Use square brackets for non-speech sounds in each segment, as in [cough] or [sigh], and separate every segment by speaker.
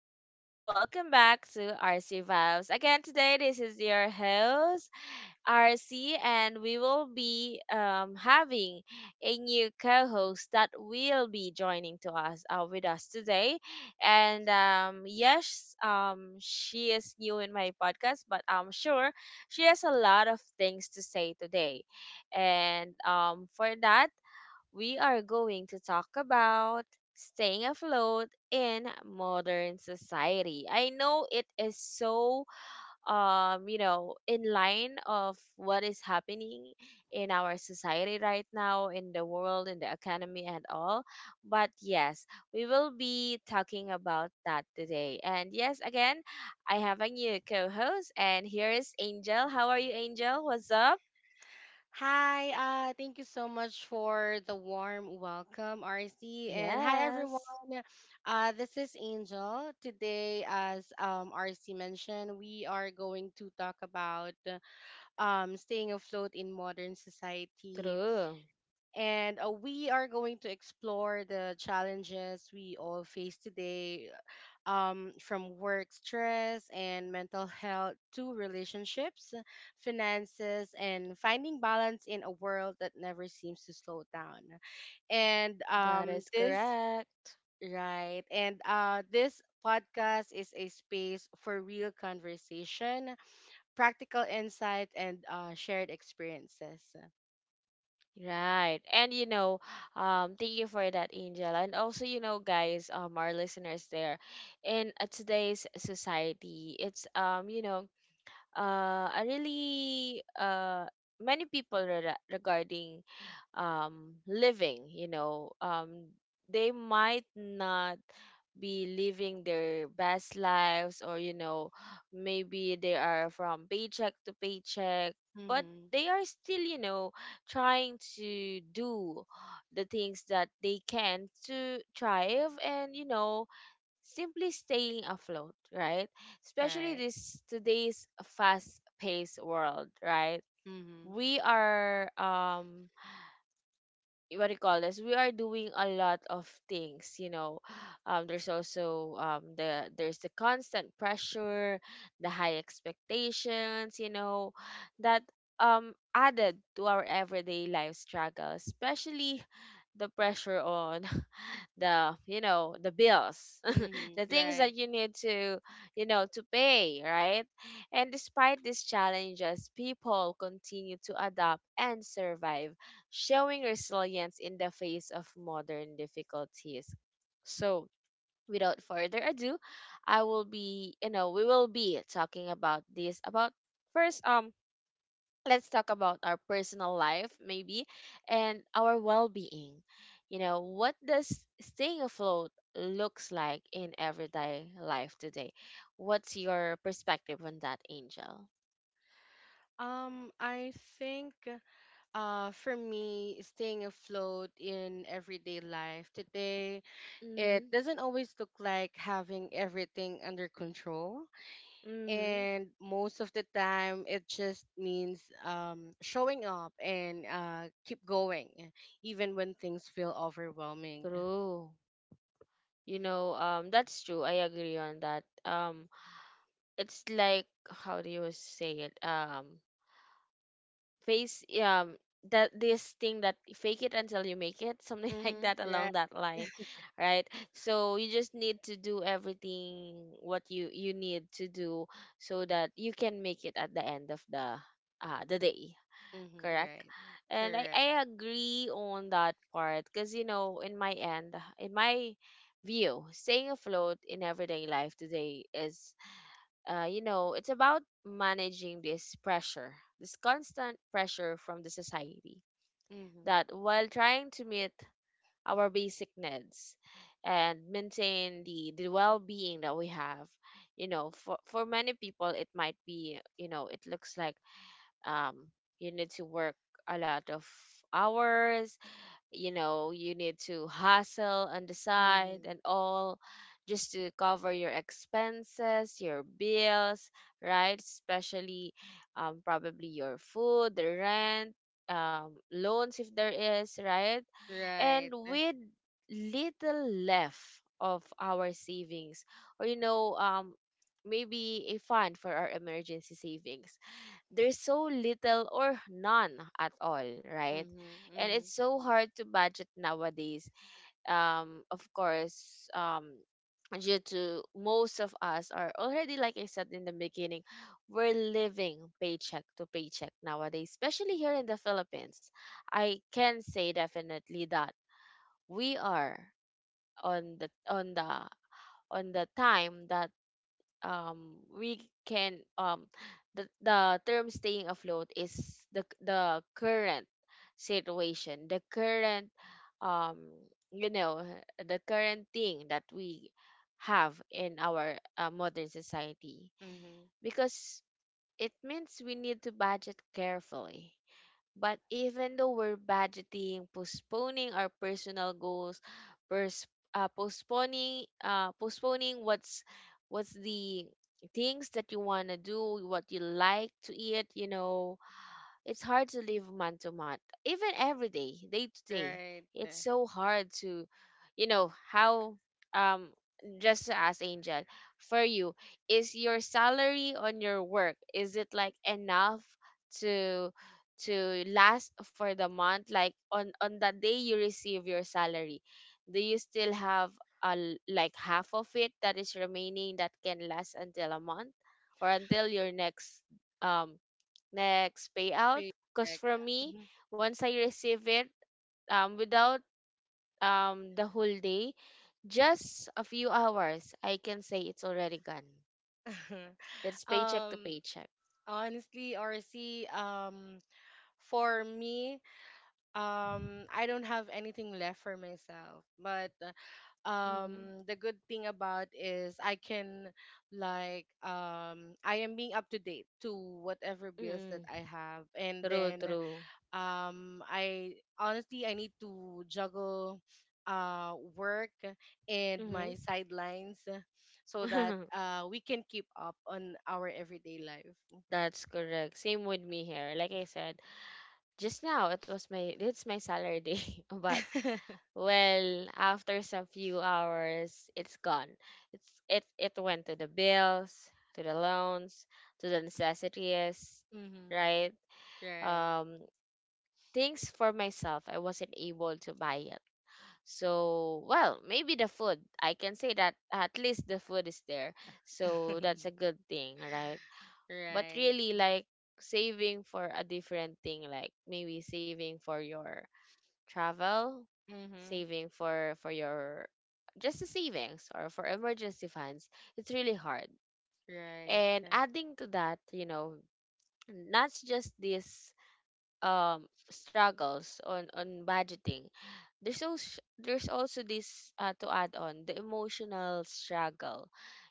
Speaker 1: Hello, and welcome back to RC Vibes. Again, today, this is your host, RC, and we will be having a new co-host that will be joining to us with us today. And yes, she is new in my podcast, but I'm sure she has a lot of things to say today. And for that, we are going to talk about staying afloat in modern society. I know it is so in line of what is happening in our society right now, in the world, in the economy, and all, but yes, we will be talking about that today. And yes, again, I have a new co-host, and here is Angel. How are you, Angel? What's up?
Speaker 2: Hi, thank you so much for the warm welcome, RC. And hi, everyone.
Speaker 1: Yes.
Speaker 2: This is Angel. Today, as RC mentioned, we are going to talk about staying afloat in modern society.
Speaker 1: True.
Speaker 2: And we are going to explore the challenges we all face today, from work stress and mental health to relationships, finances, and finding balance in a world that never seems to slow down. And
Speaker 1: That
Speaker 2: um,
Speaker 1: is
Speaker 2: this,
Speaker 1: correct.
Speaker 2: right, and this podcast is a space for real conversation, practical insight, and shared experiences.
Speaker 1: Right. And thank you for that, Angel. And also, you know, guys, our listeners there, in today's society, it's you know, a really many people re- regarding living, you know, they might not be living their best lives, or, you know, maybe they are from paycheck to paycheck, but
Speaker 2: Mm-hmm,
Speaker 1: they are still, you know, trying to do the things that they can to thrive and, you know, simply staying afloat, right? Especially
Speaker 2: right.
Speaker 1: this today's fast paced world, right?
Speaker 2: Mm-hmm,
Speaker 1: We are um, what do you call this? We are doing a lot of things, you know. There's also there's the constant pressure, the high expectations, you know, that um, added to our everyday life struggle, especially the pressure on [laughs] the you know the bills,
Speaker 2: mm-hmm,
Speaker 1: the things
Speaker 2: right.
Speaker 1: that you need to, you know, to pay, right? And despite these challenges, people continue to adapt and survive, showing resilience in the face of modern difficulties. So without further ado, I will be you know we will be talking about this. About first, um, let's talk about our personal life, maybe, and our well-being. You know, what does staying afloat looks like in everyday life today? What's your perspective on that, Angel?
Speaker 2: I think. For me, staying afloat in everyday life today, it
Speaker 1: Mm-hmm.
Speaker 2: doesn't always look like having everything under control.
Speaker 1: Mm-hmm.
Speaker 2: And most of the time, it just means showing up and keep going, even when things feel overwhelming.
Speaker 1: True. You know, um, that's true. I agree on that. Um, it's like, how do you say it, um, face um, that this thing that fake it until you make it, something [laughs] like that
Speaker 2: Mm-hmm, right.
Speaker 1: along that line. Right. So you just need to do everything what you need to do so that you can make it at the end of the the day.
Speaker 2: Mm-hmm,
Speaker 1: Correct.
Speaker 2: right.
Speaker 1: And i
Speaker 2: Correct.
Speaker 1: i agree on that part because you know, in my end, in my view, staying afloat in everyday life today is you know, it's about managing this pressure, this constant pressure from the society,
Speaker 2: Mm-hmm,
Speaker 1: that while trying to meet our basic needs and maintain the well-being that we have, you know, for many people, it might be, you know, it looks like um, you need to work a lot of hours. You know, you need to hustle on the side
Speaker 2: mm-hmm,
Speaker 1: and all, just to cover your expenses, your bills, right? Especially probably your food, the rent, loans, if there is, right?
Speaker 2: right.
Speaker 1: And with little left of our savings, or you know, um, maybe a fund for our emergency savings, there's so little or none at all, right?
Speaker 2: Mm-hmm,
Speaker 1: And
Speaker 2: mm-hmm,
Speaker 1: it's so hard to budget nowadays. Of course, due to most of us are already, like I said in the beginning, we're living paycheck to paycheck nowadays, especially here in the Philippines. I can say definitely that we are on the on the on the time that um, we can um, the term staying afloat is the current situation, the current um, you know, the current thing that we have in our modern society,
Speaker 2: mm-hmm,
Speaker 1: because it means we need to budget carefully. But even though we're budgeting, postponing our personal goals, pers- postponing what's the things that you want to do, what you like to eat, you know, it's hard to live month to month, even every day, day to day.
Speaker 2: right.
Speaker 1: It's so hard to, you know, how um, just to ask Angel, for you, is your salary on your work, is it like enough to to last for the month? Like on the day you receive your salary, do you still have like half of it that is remaining that can last until a month or until your next? Um, next payout.
Speaker 2: Correct.
Speaker 1: Because for me,
Speaker 2: Mhm.
Speaker 1: once I receive it, without the whole day, just a few hours, I can say it's already gone.
Speaker 2: [laughs]
Speaker 1: It's paycheck to
Speaker 2: Um,
Speaker 1: paycheck.
Speaker 2: Honestly, RC, for me, I don't have anything left for myself. But
Speaker 1: Mm-hmm.
Speaker 2: the good thing about is I can like I am being up to date to whatever bills that
Speaker 1: Mm-hmm.
Speaker 2: I have, and
Speaker 1: True,
Speaker 2: then
Speaker 1: true.
Speaker 2: I honestly I need to juggle work and my sidelines so that
Speaker 1: Mm-hmm.
Speaker 2: we can keep up on our everyday life.
Speaker 1: [laughs] That's correct. Same with me here. Like I said, just now it was my, it's my salary day, [laughs] but
Speaker 2: [laughs]
Speaker 1: well, after some few hours, it's gone. It's it went to the bills, to the loans, to the necessities,
Speaker 2: Mm-hmm.
Speaker 1: right?
Speaker 2: Right.
Speaker 1: Um, things for myself, I wasn't able to buy it. So, well, maybe the food. I can say that at least the food is there. So that's a
Speaker 2: [laughs]
Speaker 1: good thing, right? But
Speaker 2: Right.
Speaker 1: really, like saving for a different thing, like maybe saving for your travel,
Speaker 2: Mm-hmm.
Speaker 1: saving for your, just the savings or for emergency funds, it's really hard.
Speaker 2: Right.
Speaker 1: And adding to that, you know, not just these um, struggles on budgeting. There's also this to add on, the emotional struggle.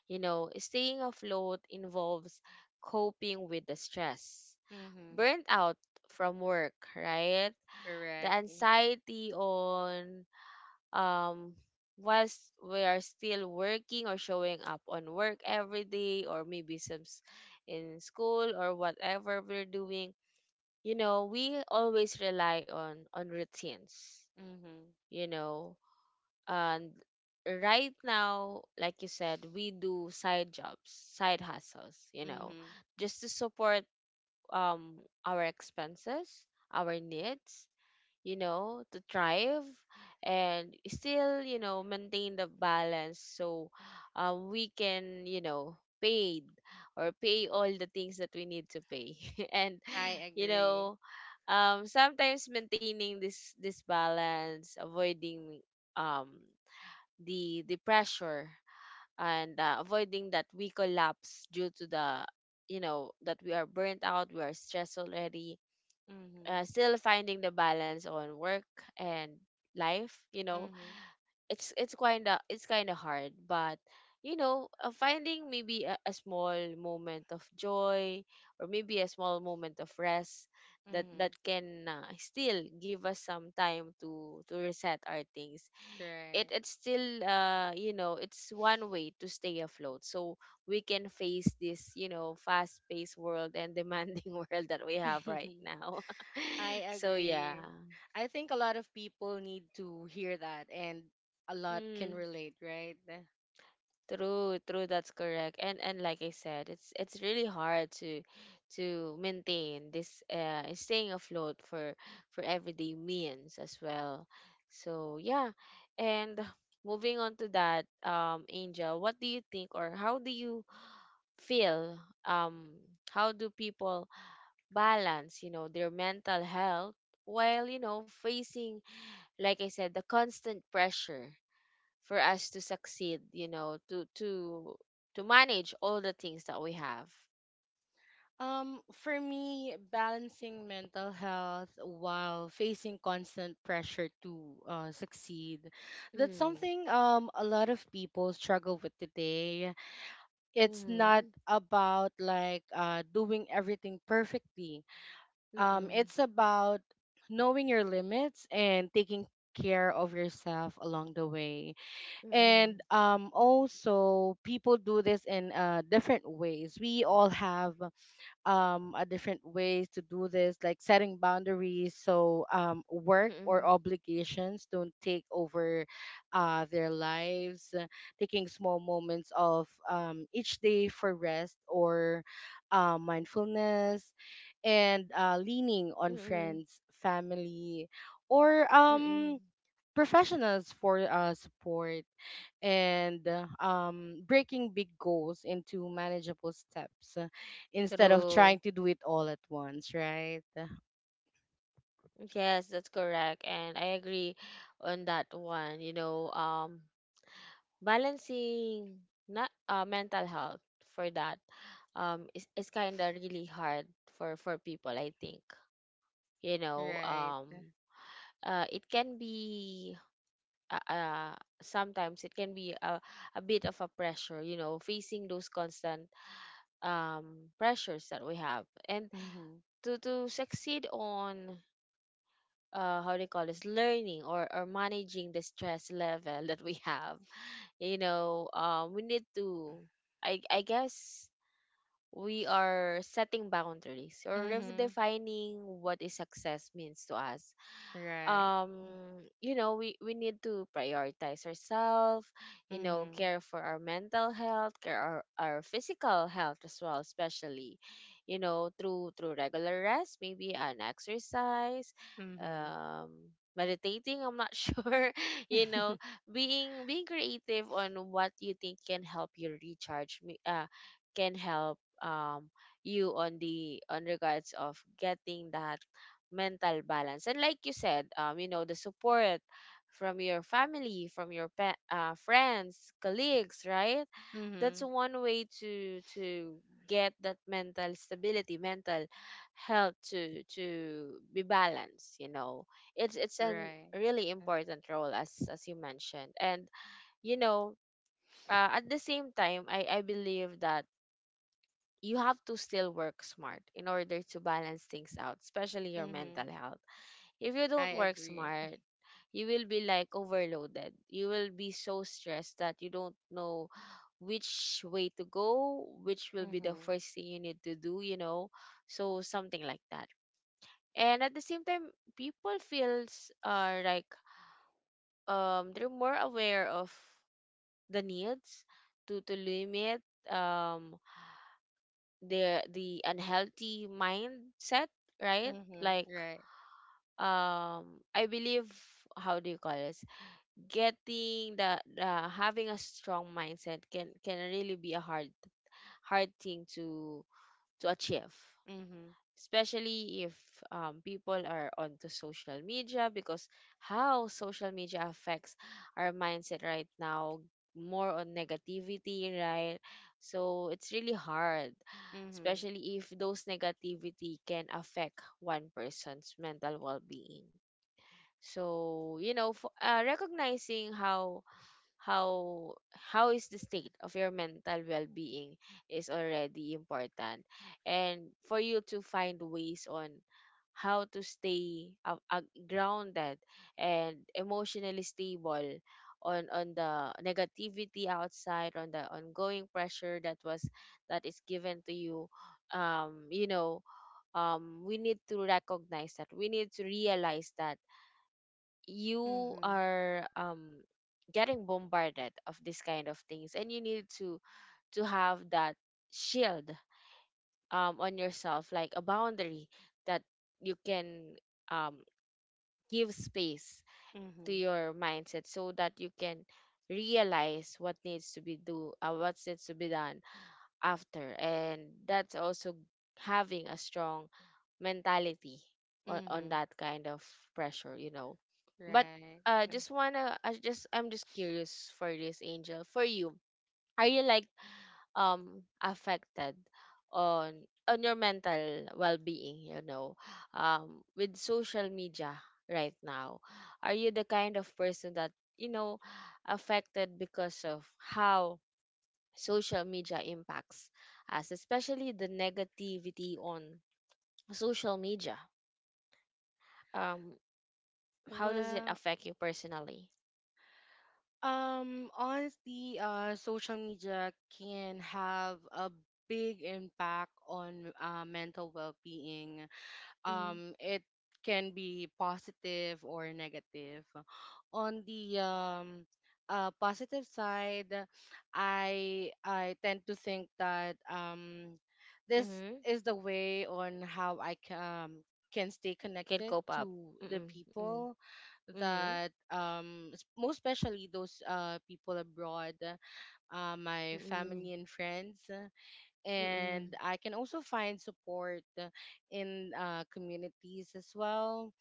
Speaker 1: You know, staying afloat involves coping with the stress,
Speaker 2: Mm-hmm.
Speaker 1: burnt out from work, right? The
Speaker 2: Correct.
Speaker 1: anxiety on um, whilst we are still working or showing up on work every day, or maybe in school, or whatever we're doing, you know, we always rely on routines,
Speaker 2: Mm-hmm.
Speaker 1: you know. And right now, like you said, we do side jobs, side hustles, you know,
Speaker 2: Mm-hmm.
Speaker 1: just to support um, our expenses, our needs, you know, to thrive and still, you know, maintain the balance, so we can, you know, paid or pay all the things that we need to pay. [laughs] And,
Speaker 2: I
Speaker 1: you
Speaker 2: agree.
Speaker 1: know, sometimes maintaining this balance, avoiding um, the pressure, and avoiding that we collapse due to the, you know, that we are burnt out, we are stressed already,
Speaker 2: Mm-hmm.
Speaker 1: still finding the balance on work and life, you know,
Speaker 2: Mm-hmm.
Speaker 1: it's kind of hard, but you know, finding maybe a small moment of joy, or maybe a small moment of rest, that that
Speaker 2: Mm-hmm.
Speaker 1: can still give us some time to reset our things. It
Speaker 2: Right.
Speaker 1: it's still you know it's one way to stay afloat, so we can face this, you know, fast paced world and demanding [laughs] world that we have right
Speaker 2: [laughs]
Speaker 1: now.
Speaker 2: I
Speaker 1: [laughs] So yeah.
Speaker 2: agree. I think a lot of people need to hear that and a lot
Speaker 1: Mm,
Speaker 2: can relate, right?
Speaker 1: true, true. That's correct. And like I said, it's really hard to maintain this uh, staying afloat for everyday means as well. So yeah. And moving on to that, um, Angel, what do you think, or how do you feel, um, how do people balance, you know, their mental health while, you know, facing, like I said, the constant pressure for us to succeed, you know, to manage all the things that we have?
Speaker 2: For me, balancing mental health while facing constant pressure to succeed, that's
Speaker 1: Mm.
Speaker 2: something a lot of people struggle with today. It's not
Speaker 1: Mm-hmm.
Speaker 2: about like doing everything perfectly.
Speaker 1: Mm-mm.
Speaker 2: It's about knowing your limits and taking care of yourself along the way. And
Speaker 1: Mm-mm.
Speaker 2: also, people do this in different ways. We all have a different ways to do this, like setting boundaries so work or
Speaker 1: Mm-mm.
Speaker 2: obligations don't take over their lives, taking small moments of each day for rest or mindfulness, and leaning on
Speaker 1: Mm-mm.
Speaker 2: friends, family, or
Speaker 1: Mm-mm.
Speaker 2: professionals for support, and breaking big goals into manageable steps, instead of
Speaker 1: True.
Speaker 2: trying to do it all at once, right?
Speaker 1: Yes, that's correct. And I agree on that one. You know, balancing not mental health for that um, is kind of really hard for people, I think. You know,
Speaker 2: Right.
Speaker 1: um, it can be uh, sometimes it can be a bit of a pressure, you know, facing those constant um, pressures that we have, and
Speaker 2: Mm-hmm.
Speaker 1: to succeed on uh, how do you call this, learning or managing the stress level that we have, you know, um, we need to, I guess, we are setting boundaries or
Speaker 2: Mm-hmm.
Speaker 1: redefining what is success means to us.
Speaker 2: Right.
Speaker 1: Um, you know, we need to prioritize ourselves, you know,
Speaker 2: Mm-hmm.
Speaker 1: care for our mental health, care our physical health as well, especially, you know, through through regular rest, maybe an exercise,
Speaker 2: Mm-hmm.
Speaker 1: um, meditating, I'm not [laughs] sure, you know.
Speaker 2: [laughs]
Speaker 1: Being being creative on what you think can help you recharge me, uh, can help um, you on the on regards of getting that mental balance. And like you said, you know, the support from your family, from your friends, colleagues, right? That's
Speaker 2: Mm-hmm.
Speaker 1: one way to get that mental stability, mental health, to be balanced. You know, it's a
Speaker 2: Right.
Speaker 1: really important role, as you mentioned, and you know, at the same time, I believe that you have to still work smart in order to balance things out, especially your
Speaker 2: Mm-hmm.
Speaker 1: mental health. If you
Speaker 2: I
Speaker 1: don't work
Speaker 2: agree.
Speaker 1: smart, you will be like overloaded. You will be so stressed that you don't know which way to go, which will be the
Speaker 2: Mm-hmm.
Speaker 1: first thing you need to do, So something like that. And at the same time, people feels are like they're more aware of the needs to limit um the unhealthy mindset, right?
Speaker 2: Mm-hmm.
Speaker 1: Like
Speaker 2: Right.
Speaker 1: I believe how do you call it? Getting the having a strong mindset can really be a hard thing to achieve,
Speaker 2: Mm-hmm.
Speaker 1: especially if people are onto social media, because how social media affects our mindset right now, more on negativity, right? So it's really hard,
Speaker 2: Mm-hmm.
Speaker 1: especially if those negativity can affect one person's mental well-being. So recognizing how how is the state of your mental well-being is already important, and for you to find ways on how to stay grounded and emotionally stable on the negativity outside, on the ongoing pressure that was that is given to you. You know We need to recognize that, we need to realize that you
Speaker 2: Mm-hmm.
Speaker 1: are getting bombarded of this kind of things, and you need to have that shield on yourself, like a boundary that you can um give space to
Speaker 2: Mm-hmm.
Speaker 1: your mindset, so that you can realize what needs to be do what needs to be done after. And that's also having a strong mentality on
Speaker 2: Mm-hmm.
Speaker 1: that kind of pressure, you know. But
Speaker 2: Right.
Speaker 1: just wanna I just I'm just curious for this, Angel. For you, are you like affected on on your mental well being, you know, with social media right now? Are you the kind of person that, you know, affected because of how social media impacts us, especially the negativity on social media? um how does it
Speaker 2: Well,
Speaker 1: affect you personally?
Speaker 2: Honestly, social media can have a big impact on mental well-being.
Speaker 1: Mm-hmm.
Speaker 2: It can be positive or negative. On the positive side, I tend to think that this
Speaker 1: Mm-hmm.
Speaker 2: is the way on how I can stay
Speaker 1: You can
Speaker 2: connected
Speaker 1: cope up.
Speaker 2: to the
Speaker 1: Mm-mm. Mm-mm.
Speaker 2: people
Speaker 1: Mm-hmm.
Speaker 2: that most especially those people abroad, my
Speaker 1: Mm-mm.
Speaker 2: family and friends. And I can also find support in communities as well,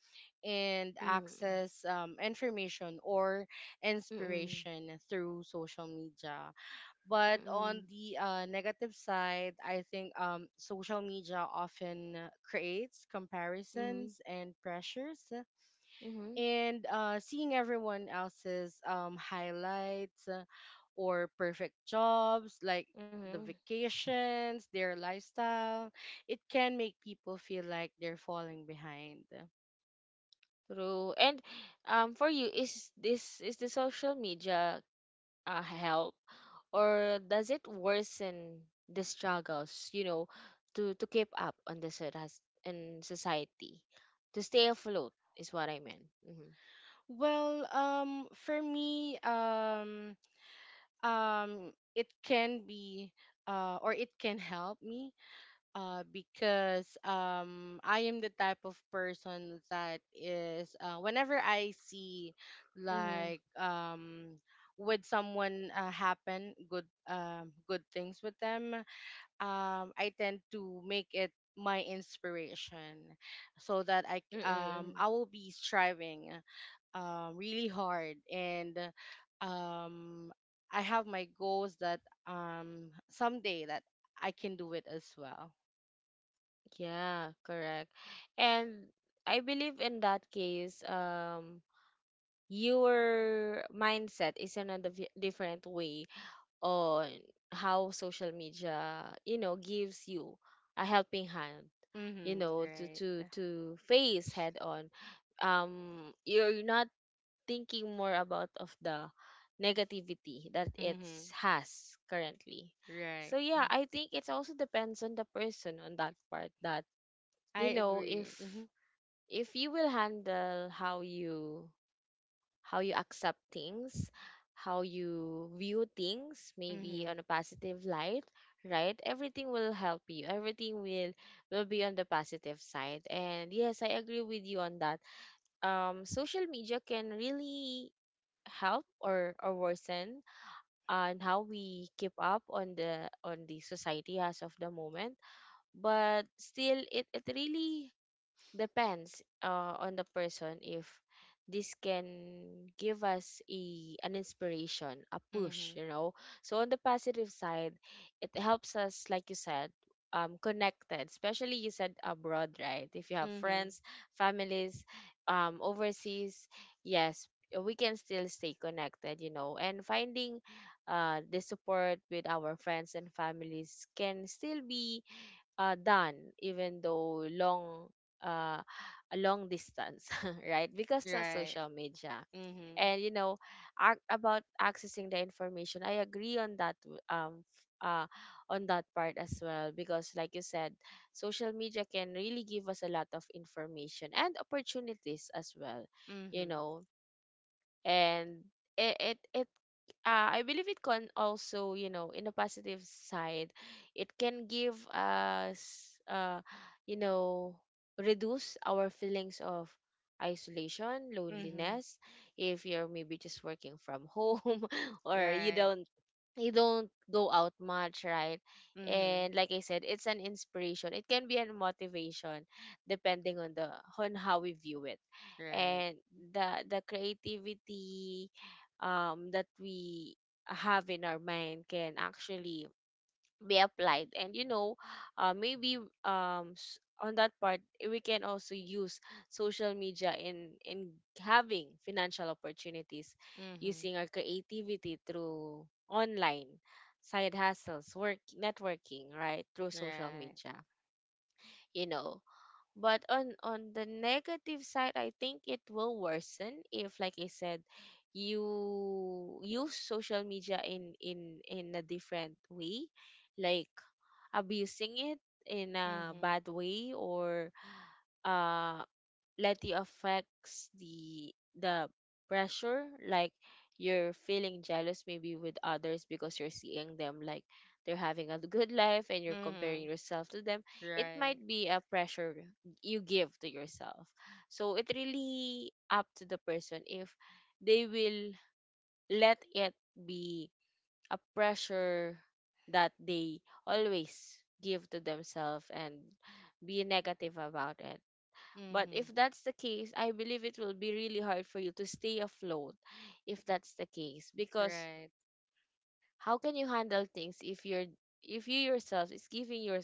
Speaker 2: and
Speaker 1: Mm-mm.
Speaker 2: access information or
Speaker 1: Mm-mm. Mm-mm.
Speaker 2: inspiration through social media. But on
Speaker 1: Mm-mm.
Speaker 2: the negative side, I think social media often creates
Speaker 1: Mm-hmm.
Speaker 2: comparisons and pressures,
Speaker 1: Mm-hmm.
Speaker 2: and seeing everyone else's highlights, or perfect jobs like the
Speaker 1: Mm-hmm.
Speaker 2: vacations, their lifestyle, it can make people feel like they're falling behind.
Speaker 1: True. And for you, is the social media help, or does it worsen the struggles? You know, to keep up on the in society, to stay afloat is what I meant. Mm-hmm.
Speaker 2: Well, for me, it can be, or it can help me, because I am the type of person that is, whenever I see,
Speaker 1: Mm-hmm.
Speaker 2: like would someone happen good, good things with them, I tend to make it my inspiration so that
Speaker 1: Mm-mm.
Speaker 2: I will be striving really hard, and um, I have my goals that someday that I can do it as well.
Speaker 1: Yeah, correct. And I believe in that case, your mindset is another different way on how social media, you know, gives you a helping hand, you
Speaker 2: Mm-hmm.
Speaker 1: know, to
Speaker 2: Right.
Speaker 1: to to face head on. You're not thinking more about of the negativity that it
Speaker 2: Mm-hmm.
Speaker 1: has currently.
Speaker 2: Right.
Speaker 1: So yeah,
Speaker 2: Mm.
Speaker 1: I think it also depends on the person on that part that, you
Speaker 2: I
Speaker 1: know,
Speaker 2: agree. Mm-hmm.
Speaker 1: if you will handle how you accept things, how you view things, maybe
Speaker 2: Mm-hmm.
Speaker 1: on a positive light, right? Everything will help you, everything will be on the positive side. And yes, I agree with you on that. Social media can really help or worsen on how we keep up on the society as of the moment. But still, it really depends on the person if this can give us a an inspiration, a
Speaker 2: Mm-hmm.
Speaker 1: push, you know. So on the positive side, it helps us, like you said, connected, especially you said abroad, right? If you have
Speaker 2: Mm-hmm.
Speaker 1: friends, families overseas, yes, we can still stay connected, you know, and finding the support with our friends and families can still be done, even though long uh, a long distance [laughs] right, because of
Speaker 2: Right.
Speaker 1: social media.
Speaker 2: Mm-hmm.
Speaker 1: And you know, about accessing the information, I agree on that, f- uh, on that part as well, because like you said, social media can really give us a lot of information and opportunities as well, you
Speaker 2: Mm-hmm.
Speaker 1: know. And it I believe it can also, you know, in a positive side, it can give us, you know, reduce our feelings of isolation,
Speaker 2: Mm-hmm.
Speaker 1: loneliness. If you're maybe just working from home [laughs] or
Speaker 2: Right.
Speaker 1: you don't go out much, right?
Speaker 2: Mm-hmm.
Speaker 1: And like I said, it's an inspiration. It can be a motivation, depending on the on how we view it.
Speaker 2: Right.
Speaker 1: And the creativity that we have in our mind can actually be applied, and you know, maybe on that part, eh, we can also use social media in having financial opportunities,
Speaker 2: Mm-hmm.
Speaker 1: using our creativity through online side hustles, work, networking, right, through social
Speaker 2: Right.
Speaker 1: media, you know. But on the negative side, I think it will worsen if, like I said, you use social media in in a different way, like abusing it in a
Speaker 2: Mm-hmm.
Speaker 1: bad way, or uh let you affects the pressure, like you're feeling jealous maybe with others because you're seeing them like they're having a good life and you're comparing
Speaker 2: Mm-hmm.
Speaker 1: yourself to them. It might
Speaker 2: Right.
Speaker 1: be a pressure you give to yourself. So it really up to the person if they will let it be a pressure that they always give to themselves, and be negative about it. But
Speaker 2: Mm-hmm.
Speaker 1: if that's the case, I believe it will be really hard for you to stay afloat if that's the case. Because
Speaker 2: Right.
Speaker 1: how can you handle things if you're if you yourself is giving your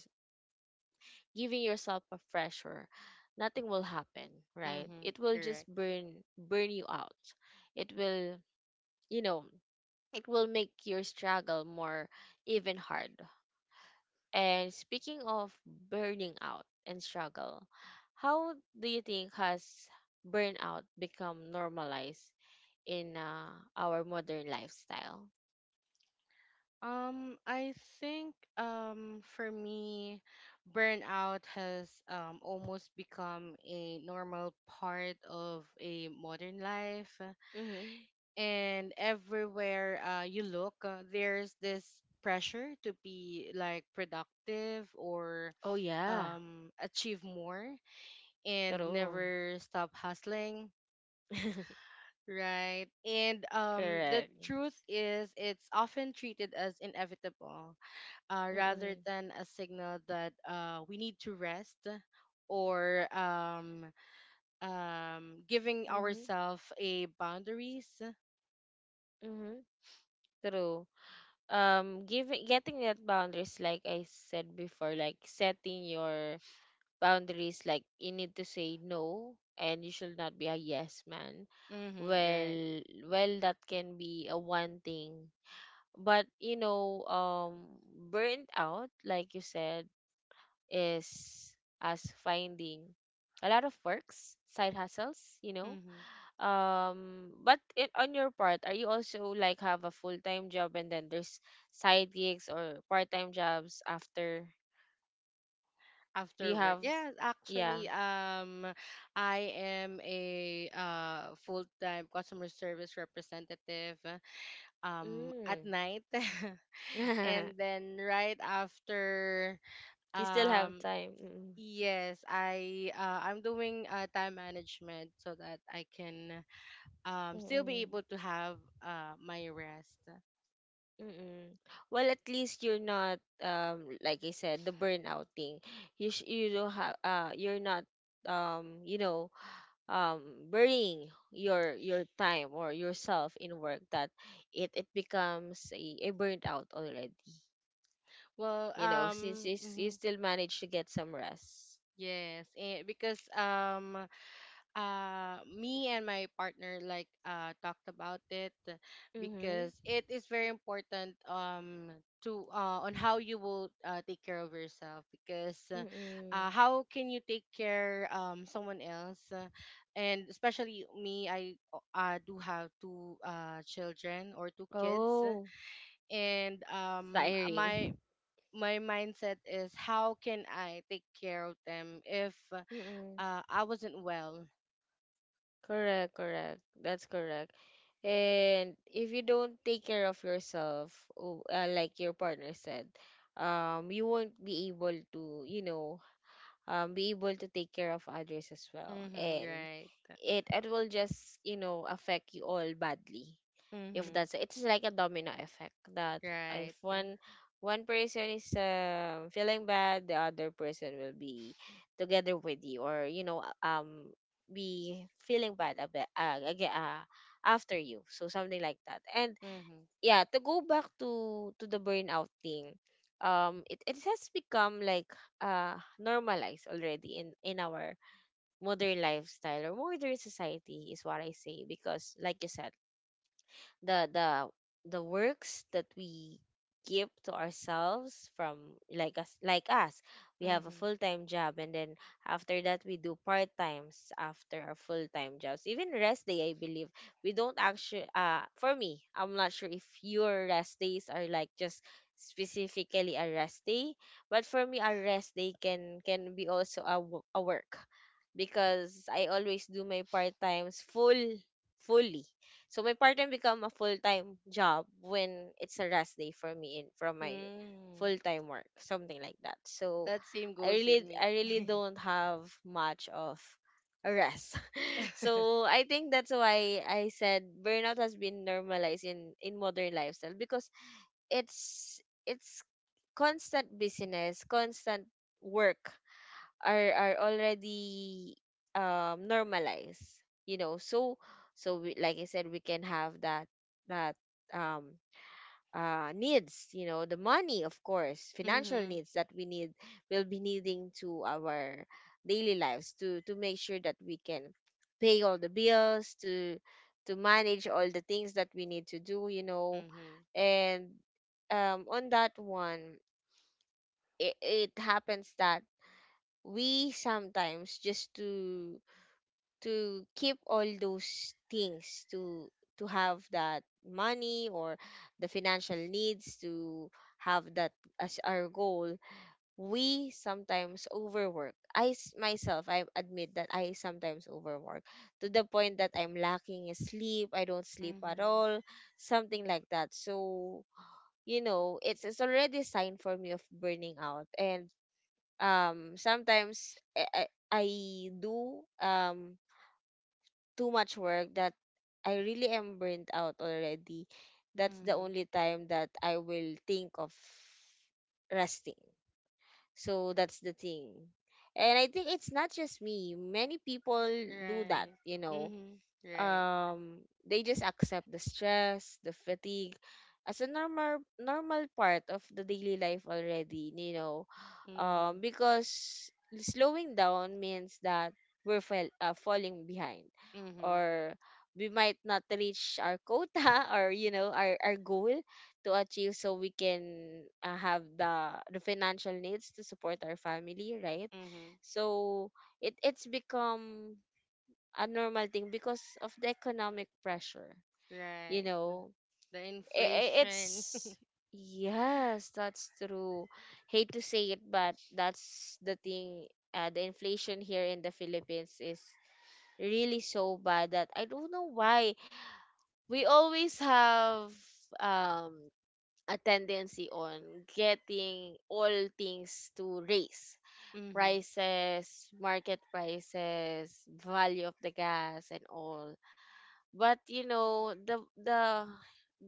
Speaker 1: giving yourself a pressure? Nothing will happen, right?
Speaker 2: Mm-hmm.
Speaker 1: It will just
Speaker 2: Correct.
Speaker 1: burn you out. It will, you know, it will make your struggle more even hard. And speaking of burning out and struggle, how do you think has burnout become normalized in our modern lifestyle?
Speaker 2: I think, for me, burnout has almost become a normal part of a modern life.
Speaker 1: Mm-hmm.
Speaker 2: And everywhere you look, there's this pressure to be like productive or
Speaker 1: Oh yeah,
Speaker 2: achieve more and
Speaker 1: true.
Speaker 2: never stop hustling,
Speaker 1: [laughs]
Speaker 2: right? And
Speaker 1: Correct.
Speaker 2: the truth is, it's often treated as inevitable, rather
Speaker 1: Mm-mm.
Speaker 2: than a signal that we need to rest, or giving
Speaker 1: Mm-hmm.
Speaker 2: ourselves a boundaries.
Speaker 1: Mm-hmm. True. Giving Getting that boundaries, like I said before, like setting your boundaries, like you need to say no, and you should not be a yes man.
Speaker 2: Hmm, right.
Speaker 1: Well, well, that can be a one thing. But you know, burnt out, like you said, is us finding a lot of works, side hustles, you know.
Speaker 2: Mm-hmm.
Speaker 1: But it, on your part, are you also like have a full-time job and then there's side gigs or part-time jobs after? Do you
Speaker 2: After work,
Speaker 1: have?
Speaker 2: yes,
Speaker 1: Yeah.
Speaker 2: actually, I am a full-time customer service representative at
Speaker 1: Mm.
Speaker 2: night. [laughs] And
Speaker 1: [laughs]
Speaker 2: then right after,
Speaker 1: You still have
Speaker 2: um
Speaker 1: time. Mm-mm.
Speaker 2: yes, I'm doing time management so that I can still be
Speaker 1: Mm-mm.
Speaker 2: able to have my rest.
Speaker 1: Mm-mm. Well, at least you're not like I said the burnout thing. You you don't have you're not um you know um burning your time or yourself in work that it becomes a burnt out already.
Speaker 2: Well,
Speaker 1: You know, since you, you
Speaker 2: mhm.
Speaker 1: still manage to get some rest.
Speaker 2: Yes, and because me and my partner like talked about it,
Speaker 1: Mhm.
Speaker 2: because it is very important to on how you will take care of yourself, because
Speaker 1: Mm-mm.
Speaker 2: how can you take care someone else, and especially me, I do have two children or two kids.
Speaker 1: Oh,
Speaker 2: And my
Speaker 1: tiring.
Speaker 2: my mindset is, how can I take care of them if
Speaker 1: Mm-mm.
Speaker 2: I wasn't well.
Speaker 1: Correct, correct. That's correct. And if you don't take care of yourself, like your partner said, you won't be able to, you know, be able to take care of others as well.
Speaker 2: Mm-hmm,
Speaker 1: And
Speaker 2: right.
Speaker 1: it will just, you know, affect you all badly, if
Speaker 2: Mm-hmm,
Speaker 1: that's it's like a domino effect, that if
Speaker 2: right.
Speaker 1: one person is feeling bad, the other person will be together with you, or you know, be feeling bad about again after you, so something like that. And
Speaker 2: Mm-hmm,
Speaker 1: yeah, to go back to the burnout thing, it, it has become like normalized already in our modern lifestyle, or modern society is what I say, because like you said, the the the works that we give to ourselves from like us we have a
Speaker 2: mm-hmm.
Speaker 1: full-time job, and then after that we do part-times after our full-time jobs. Even rest day, I believe, we don't actually, for me, I'm not sure if your rest days are like just specifically a rest day, but for me a rest day can be also a, a work, because I always do my part-times full fully. So my part-time become a full-time job when it's a rest day for me in from my
Speaker 2: Mm-hmm.
Speaker 1: full-time work, something like that. So
Speaker 2: That same goes with me.
Speaker 1: I really
Speaker 2: [laughs]
Speaker 1: don't have much of a rest. [laughs] So I think that's why I said burnout has been normalized in modern lifestyle, because it's it's constant business, constant work are already normalized, you know. So so we, like I said, we can have that that um needs, you know, the money, of course, financial
Speaker 2: Mm-hmm,
Speaker 1: needs that we need will be needing to our daily lives, to make sure that we can pay all the bills, to manage all the things that we need to do, you know.
Speaker 2: mm-hmm,
Speaker 1: And on that one, it happens that we sometimes just to keep all those things, to have that money, or the financial needs to have that as our goal, we sometimes overwork. Myself, I admit that I sometimes overwork to the point that I'm lacking in sleep, I don't sleep at all,
Speaker 2: mm-hmm,
Speaker 1: something like that. So you know, it's already a sign for me of burning out. And sometimes I do too much work that I really am burnt out already. That's the
Speaker 2: mm-hmm.
Speaker 1: only time that I will think of resting. So that's the thing. And I think it's not just me. Many people do that,
Speaker 2: Right.
Speaker 1: you know.
Speaker 2: Mm-hmm, right.
Speaker 1: They just accept the stress, the fatigue as a normal part of the daily life already,
Speaker 2: Mm-hmm,
Speaker 1: because slowing down means that we're falling behind,
Speaker 2: mm-hmm,
Speaker 1: or we might not reach our quota, [laughs] or our, goal to achieve, so we can have the financial needs to support our family, right?
Speaker 2: mm-hmm.
Speaker 1: So it's become a normal thing because of the economic pressure, you
Speaker 2: Right.
Speaker 1: know
Speaker 2: The
Speaker 1: I-
Speaker 2: inflation.
Speaker 1: it's yes, that's true, hate to say it but that's the thing. The inflation here in the Philippines is really so bad that I don't know why we always have um a tendency on getting all things to raise,
Speaker 2: [laughs] Mm-hmm,
Speaker 1: prices, market prices, value of the gas and all. But you know, the the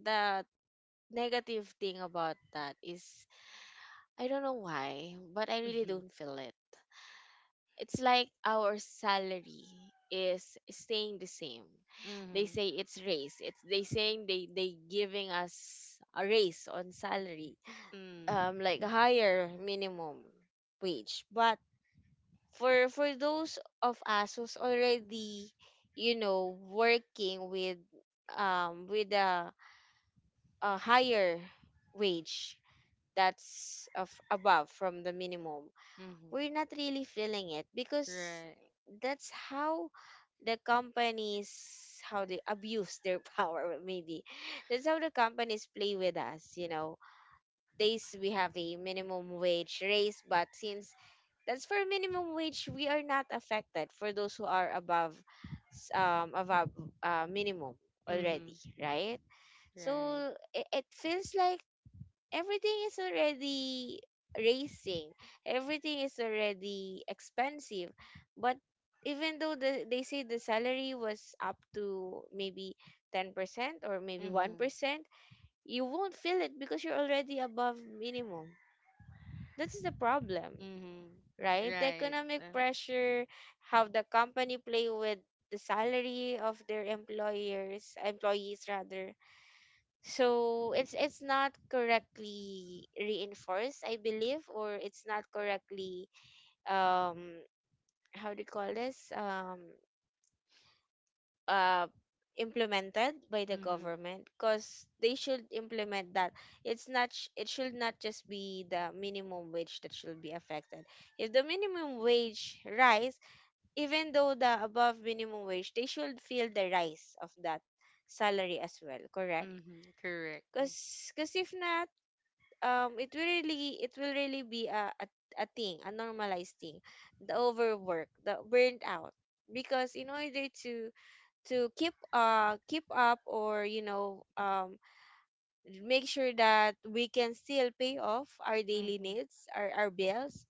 Speaker 1: the negative thing about that is I don't know why, but I really
Speaker 2: mm-hmm,
Speaker 1: don't feel it. It's like our salary is staying the same. They
Speaker 2: mm-hmm,
Speaker 1: say it's raise. It's They saying, they giving us a raise on salary,
Speaker 2: mm-hmm,
Speaker 1: like a higher minimum wage. But for those of us who's already, you know, working with a higher wage that's of above from the minimum,
Speaker 2: mm-hmm.
Speaker 1: we're not really feeling it because
Speaker 2: Right.
Speaker 1: that's how the companies, how they abuse their [laughs] power, maybe that's how the companies play with us, they we have a minimum wage raise, but since that's for minimum wage, we are not affected, for those who are above, above minimum already,
Speaker 2: Mm-hmm,
Speaker 1: right?
Speaker 2: right.
Speaker 1: So it feels like everything is already racing, everything is already expensive. But even though they say the salary was up to maybe 10% or maybe
Speaker 2: Mm-hmm,
Speaker 1: 1%, you won't feel it because you're already above minimum, that's the problem.
Speaker 2: mm-hmm.
Speaker 1: Right, the
Speaker 2: Right.
Speaker 1: economic pressure, how the company play with the salary of their employers, employees rather. So it's not correctly reinforced, I believe, or it's not correctly, um how do you call this, uh implemented by the
Speaker 2: Mm-hmm.
Speaker 1: government, because they should implement that. It's not it should not just be the minimum wage that should be affected. If the minimum wage rise, even though the above minimum wage, they should feel the rise of that salary as well, correct?
Speaker 2: Mm-hmm. Correct.
Speaker 1: Because if not, it will really, be a thing, a normalized thing, the overwork, the burnt out. Because in order to, keep keep up, or you know, make sure that we can still pay off our daily
Speaker 2: Mm-hmm.
Speaker 1: needs, our bills,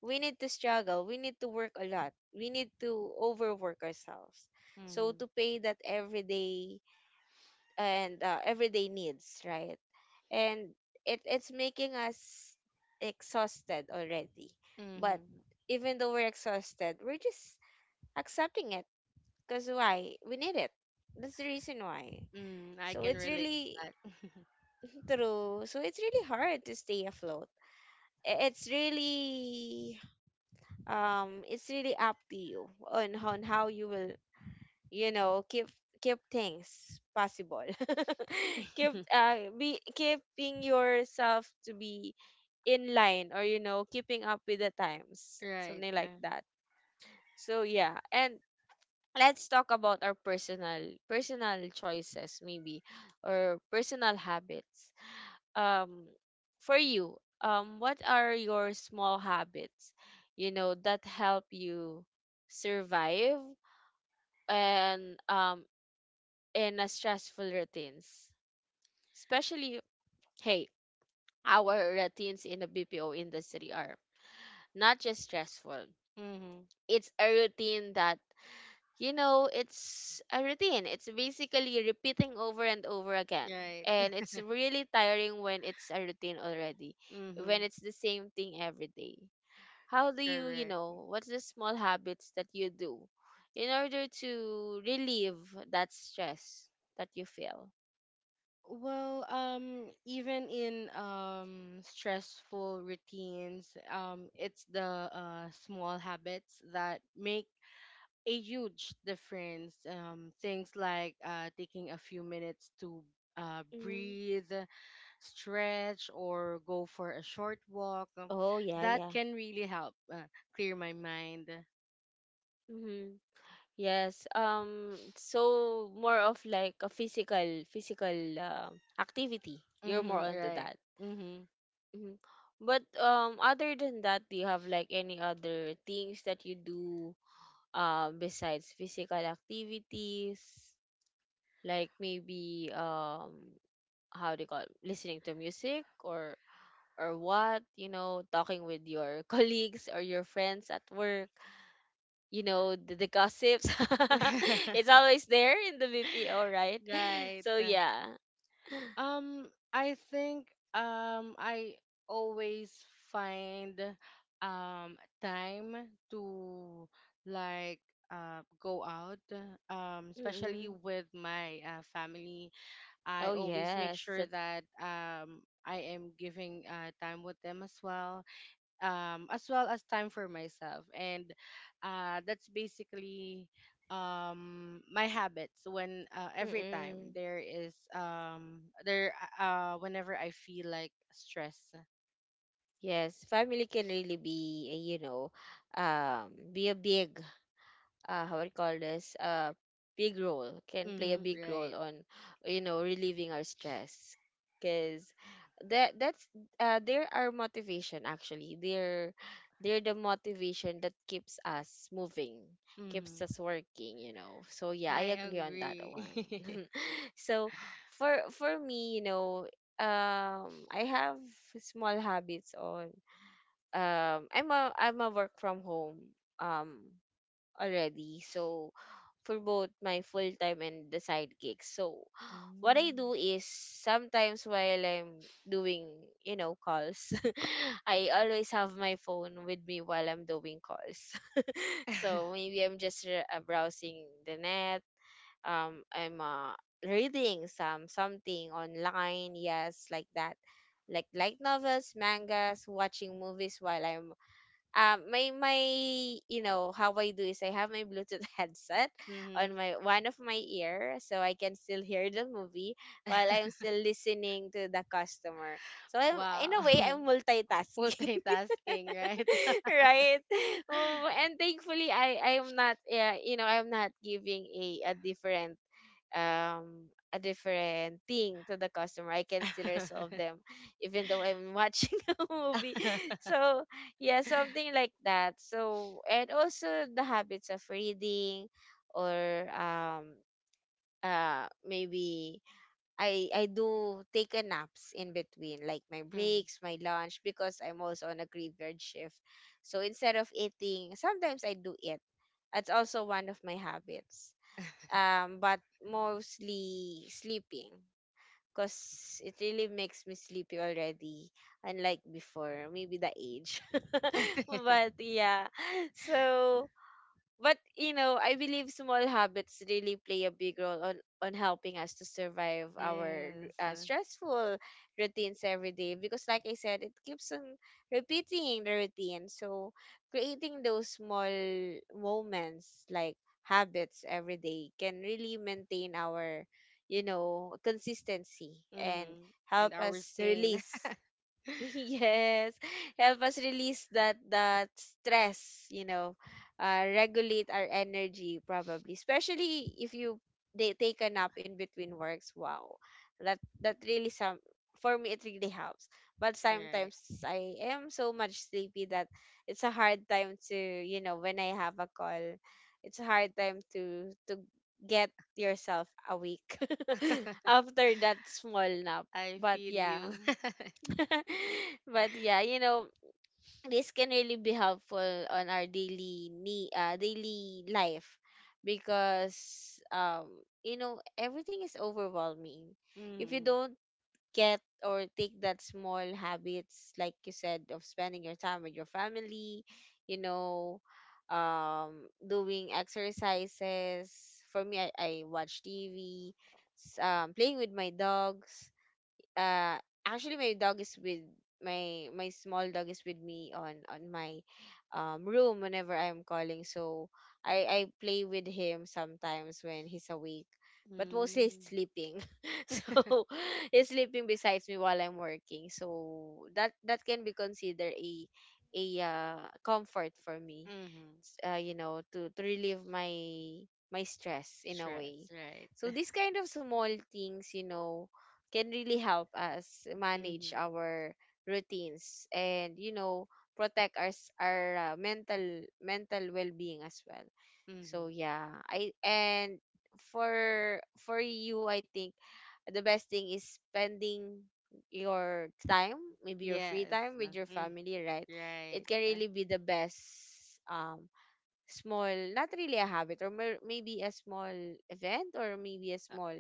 Speaker 1: we need to struggle, we need to work a lot, we need to overwork ourselves, so
Speaker 2: Mm-hmm.
Speaker 1: to pay that everyday and everyday needs, right? And it's making us exhausted already. But
Speaker 2: Mm-hmm.
Speaker 1: even though we're exhausted, we're just accepting it, because why, we need it, that's the reason why.
Speaker 2: Mm, I
Speaker 1: So
Speaker 2: can
Speaker 1: it's
Speaker 2: relate to
Speaker 1: really
Speaker 2: that.
Speaker 1: true, so it's really hard to stay afloat. It's really, up to you on, how you will, you know, keep, keep things possible, [laughs] keep
Speaker 2: [laughs]
Speaker 1: be keeping yourself to be in line, or you know, keeping up with the times,
Speaker 2: Right.
Speaker 1: something like that. So yeah. And let's talk about our personal choices, maybe, or personal habits. um for you, what are your small habits, you know, that help you survive and in a stressful routines. Especially, hey, our routines in the BPO industry are not just stressful.
Speaker 2: Mm-hmm.
Speaker 1: It's a routine that, you know, it's a routine. It's basically repeating over and over again.
Speaker 2: Right.
Speaker 1: And it's really tiring when it's a routine already,
Speaker 2: [laughs]
Speaker 1: when
Speaker 2: Mm-hmm.
Speaker 1: it's the same thing every day. How do you, you
Speaker 2: Correct.
Speaker 1: know, what's the small habits that you do in order to relieve that stress that you feel?
Speaker 2: Well, even in stressful routines, it's the small habits that make a huge difference. Things like taking a few minutes to
Speaker 1: Mm-hmm.
Speaker 2: breathe, stretch, or go for a short walk.
Speaker 1: Oh yeah,
Speaker 2: That
Speaker 1: yeah.
Speaker 2: can really help clear my mind.
Speaker 1: Mm-hmm. Yes. So more of like a physical activity. You're more
Speaker 2: Mm-hmm,
Speaker 1: onto
Speaker 2: right.
Speaker 1: that.
Speaker 2: Mm-hmm.
Speaker 1: Mm-hmm. But other than that, do you have like any other things that you do besides physical activities? Like maybe, how do you call it, listening to music, or what, you know, talking with your [laughs] colleagues or your friends at work, the gossips. [laughs] It's
Speaker 2: [laughs]
Speaker 1: always there in the BPO, right? [laughs]
Speaker 2: Right.
Speaker 1: So yeah.
Speaker 2: I think I always find um time to like go out, especially
Speaker 1: Mm-mm.
Speaker 2: with my family. I
Speaker 1: Oh
Speaker 2: always make
Speaker 1: yes,
Speaker 2: sure
Speaker 1: that.
Speaker 2: that I am giving time with them as well, as well as time for myself. And that's basically my habits when every time
Speaker 1: Mm-mm.
Speaker 2: there is there whenever I feel like stress.
Speaker 1: Yes, family can really be, you know, be a big, how we call this, big role, can play a
Speaker 2: Mm-hmm,
Speaker 1: big role
Speaker 2: right.
Speaker 1: on, relieving our stress, because that's they're our motivation actually, they're the motivation that keeps us moving, keeps
Speaker 2: Mm-hmm.
Speaker 1: us working, so yeah, I
Speaker 2: I
Speaker 1: agree on that
Speaker 2: agree.
Speaker 1: one.
Speaker 2: [laughs]
Speaker 1: [laughs] So, for me, I have small habits on, I'm a work from home, um already. So, for both my full time and the side gigs. So what I do
Speaker 2: Mm.
Speaker 1: is sometimes while I'm doing, you know, calls, [laughs] I always have my phone with me while I'm doing calls. [laughs] So
Speaker 2: [laughs]
Speaker 1: maybe I'm just browsing the net. I'm reading something online, yes, like that. Like light novels, mangas, watching movies while I'm, my my you know, how I do is I have my Bluetooth [laughs] headset on
Speaker 2: Hmm.
Speaker 1: my one of my ear, so I can still hear the movie while I'm still listening to the customer. So I'm, in a way,
Speaker 2: Wow.
Speaker 1: I'm
Speaker 2: [laughs]
Speaker 1: multitasking.
Speaker 2: Multitasking, right?
Speaker 1: [laughs] Right? Oh, and thankfully I am not, yeah, you know, I'm not giving a different thing to the customer. I can still resolve
Speaker 2: [laughs]
Speaker 1: them even though I'm watching [laughs] a movie.
Speaker 2: [laughs]
Speaker 1: So yeah, something like that. So, and also the habits of reading, or maybe, I do take a naps in between, like my
Speaker 2: Mm.
Speaker 1: breaks, my lunch, because I'm also on a graveyard shift. So instead of eating, sometimes I do eat. That's also one of my habits, but mostly sleeping, because it really makes me sleepy already, unlike before, maybe the age. [laughs]
Speaker 2: [laughs]
Speaker 1: But yeah, so. But you know, I believe small habits really play a big role on helping us to survive our
Speaker 2: Yes.
Speaker 1: stressful routines every day. Because like I said, it keeps on repeating the routine. So creating those small moments, like habits every day, can really maintain our, you know, consistency and
Speaker 2: Mm.
Speaker 1: help
Speaker 2: And our
Speaker 1: us
Speaker 2: scene.
Speaker 1: release, [laughs]
Speaker 2: [laughs]
Speaker 1: yes, help us release that, that stress, regulate our energy, probably, especially if you, they take a nap in between works. Wow, that that really, some, for me, it really helps. But
Speaker 2: Right.
Speaker 1: sometimes I am so much sleepy that it's a hard time to, you know, when I have a call, it's a hard time to, get yourself awake [laughs] after that small nap.
Speaker 2: I
Speaker 1: But
Speaker 2: feel
Speaker 1: yeah.
Speaker 2: you.
Speaker 1: [laughs] But yeah, you know, this can really be helpful on our daily life, because, you know, everything is overwhelming.
Speaker 2: [laughs]
Speaker 1: If you
Speaker 2: Mm.
Speaker 1: don't get or take that small habits, like you said, of spending your time with your family, you know, doing exercises. For me, I watch TV, playing with my dogs, uh actually my dog is with, my small dog is with me on, my, room whenever I am calling, so I play with him sometimes when he's awake, but mostly he's
Speaker 2: Mm.
Speaker 1: sleeping, [laughs] so [laughs] he's sleeping besides me while I'm working, so that can be considered a, comfort for me,
Speaker 2: Mm.
Speaker 1: you know, to, relieve my stress in a way.
Speaker 2: Stress, right.
Speaker 1: So these kind of small things, you know, can really help us manage
Speaker 2: Mm.
Speaker 1: our routines, and you know, protect our our mental well-being as well. So
Speaker 2: Mm.
Speaker 1: yeah, I, and for, you I think the best thing is spending your time, maybe your free
Speaker 2: Yes.
Speaker 1: time, with your
Speaker 2: Mm.
Speaker 1: family, right? It
Speaker 2: Right.
Speaker 1: can really be the best, um small, not really a habit, or maybe a small event, or maybe a small,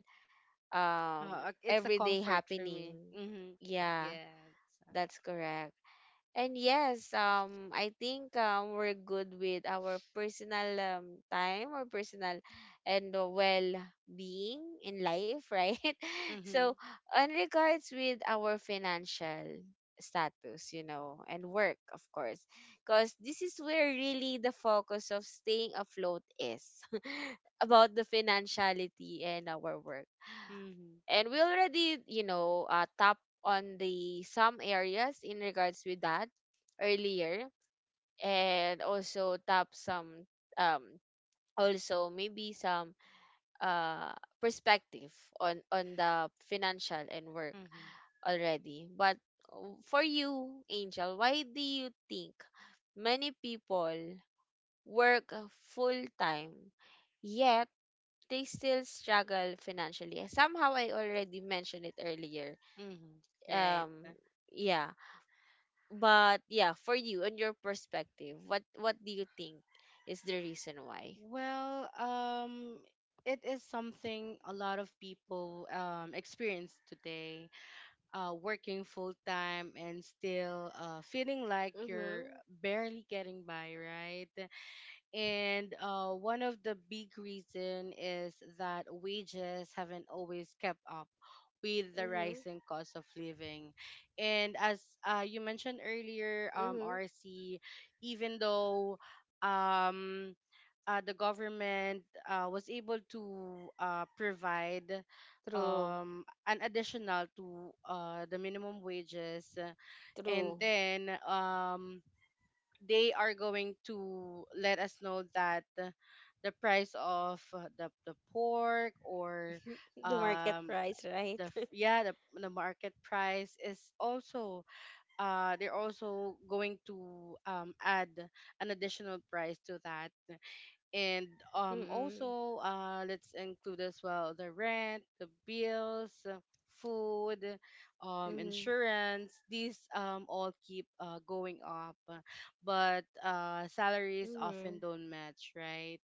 Speaker 1: um
Speaker 2: It's a
Speaker 1: everyday
Speaker 2: comfort for
Speaker 1: happening.
Speaker 2: me. Mm.
Speaker 1: Yeah,
Speaker 2: Yes.
Speaker 1: that's correct. And yes, I think, we're good with our personal, time, or personal, and well being in life, right? [laughs]
Speaker 2: Mm.
Speaker 1: So, on regards with our financial status, you know, and work of course, because this is where really the focus of staying afloat is, [laughs] about the financiality and our work.
Speaker 2: Mm.
Speaker 1: And we already, you know, tap on the some areas in regards with that earlier, and also tap some, um also maybe some, uh perspective on the financial and work
Speaker 2: Mm.
Speaker 1: already. But for you, Angel, why do you think many people work full time yet they still struggle financially? Somehow I already mentioned it earlier,
Speaker 2: Mm. Right.
Speaker 1: um yeah, but yeah, for you and your perspective, what do you think is the reason why?
Speaker 2: Well, it is something a lot of people experience today, working full time and still feeling like you're
Speaker 1: Mm-hmm.
Speaker 2: barely getting by, right? And one of the big reason is that wages haven't always kept up with the
Speaker 1: Mm-hmm.
Speaker 2: rising cost of living. And as you mentioned earlier,
Speaker 1: Mm-hmm.
Speaker 2: RC, even though um the government was able to provide
Speaker 1: True.
Speaker 2: an additional to the minimum wages, and
Speaker 1: True.
Speaker 2: then they are going to let us know that the price of the pork or
Speaker 1: [laughs] The market
Speaker 2: um,
Speaker 1: price, right?
Speaker 2: the
Speaker 1: [laughs]
Speaker 2: yeah, the market price is also they're also going to add an additional price to that, and
Speaker 1: Mm-mm.
Speaker 2: also let's include as well the rent, the bills, food,
Speaker 1: Mm-hmm.
Speaker 2: insurance, these all keep going up, but salaries often
Speaker 1: Mm-hmm.
Speaker 2: don't match, right.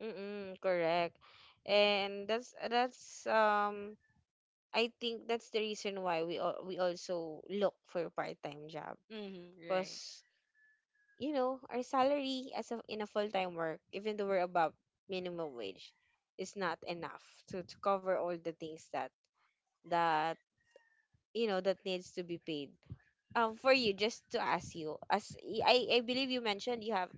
Speaker 1: Mm-mm. Correct. And that's I think that's the reason why we also look for a part-time job
Speaker 2: Mm-hmm, right.
Speaker 1: because you know, our salary as in a full-time work, even though we're above minimum wage, is not enough to cover all the things that you know that needs to be paid. For you, just to ask you, I believe you mentioned you have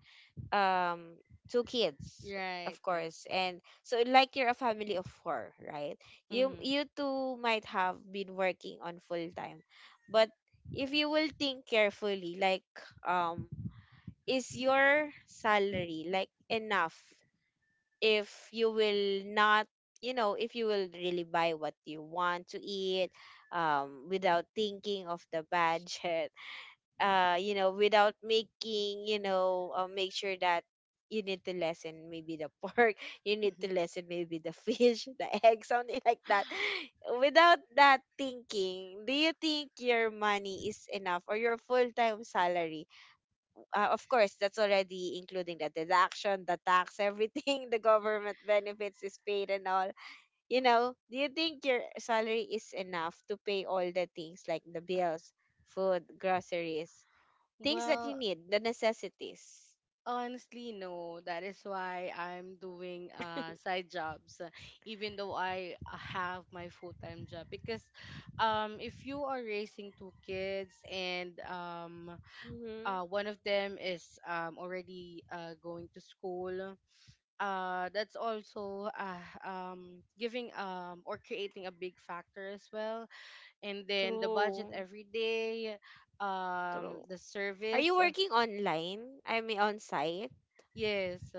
Speaker 1: um two kids,
Speaker 2: Right.
Speaker 1: of course, and so like you're a family of four, right? You
Speaker 2: Mm-hmm.
Speaker 1: you two might have been working on full time, but if you will think carefully, like um is your salary like enough if you will not, you know, if you will really buy what you want to eat, without thinking of the budget, [laughs] you know, without making, you know, make sure that you need to lessen maybe the pork, [laughs] you need to
Speaker 2: [laughs]
Speaker 1: lessen maybe the [laughs] fish, the egg, something like that, [laughs] without that thinking, do you think your money is enough, or your full-time salary? Of course, that's already including the deduction, the tax, everything, [laughs] the government benefits is paid and all. You know, do you think your salary is enough to pay all the things like the bills, food, groceries, things that you
Speaker 2: Well,
Speaker 1: need, the necessities?
Speaker 2: honestly, no. That is why I'm doing side jobs, even though I have my full-time job. Because if you are raising two kids, and
Speaker 1: Mm-hmm.
Speaker 2: one of them is already going to school, that's also giving or creating a big factor as well. And then the budget
Speaker 1: True.
Speaker 2: every day,
Speaker 1: True.
Speaker 2: the
Speaker 1: Are you
Speaker 2: service.
Speaker 1: working online? I mean, on site?
Speaker 2: Yes.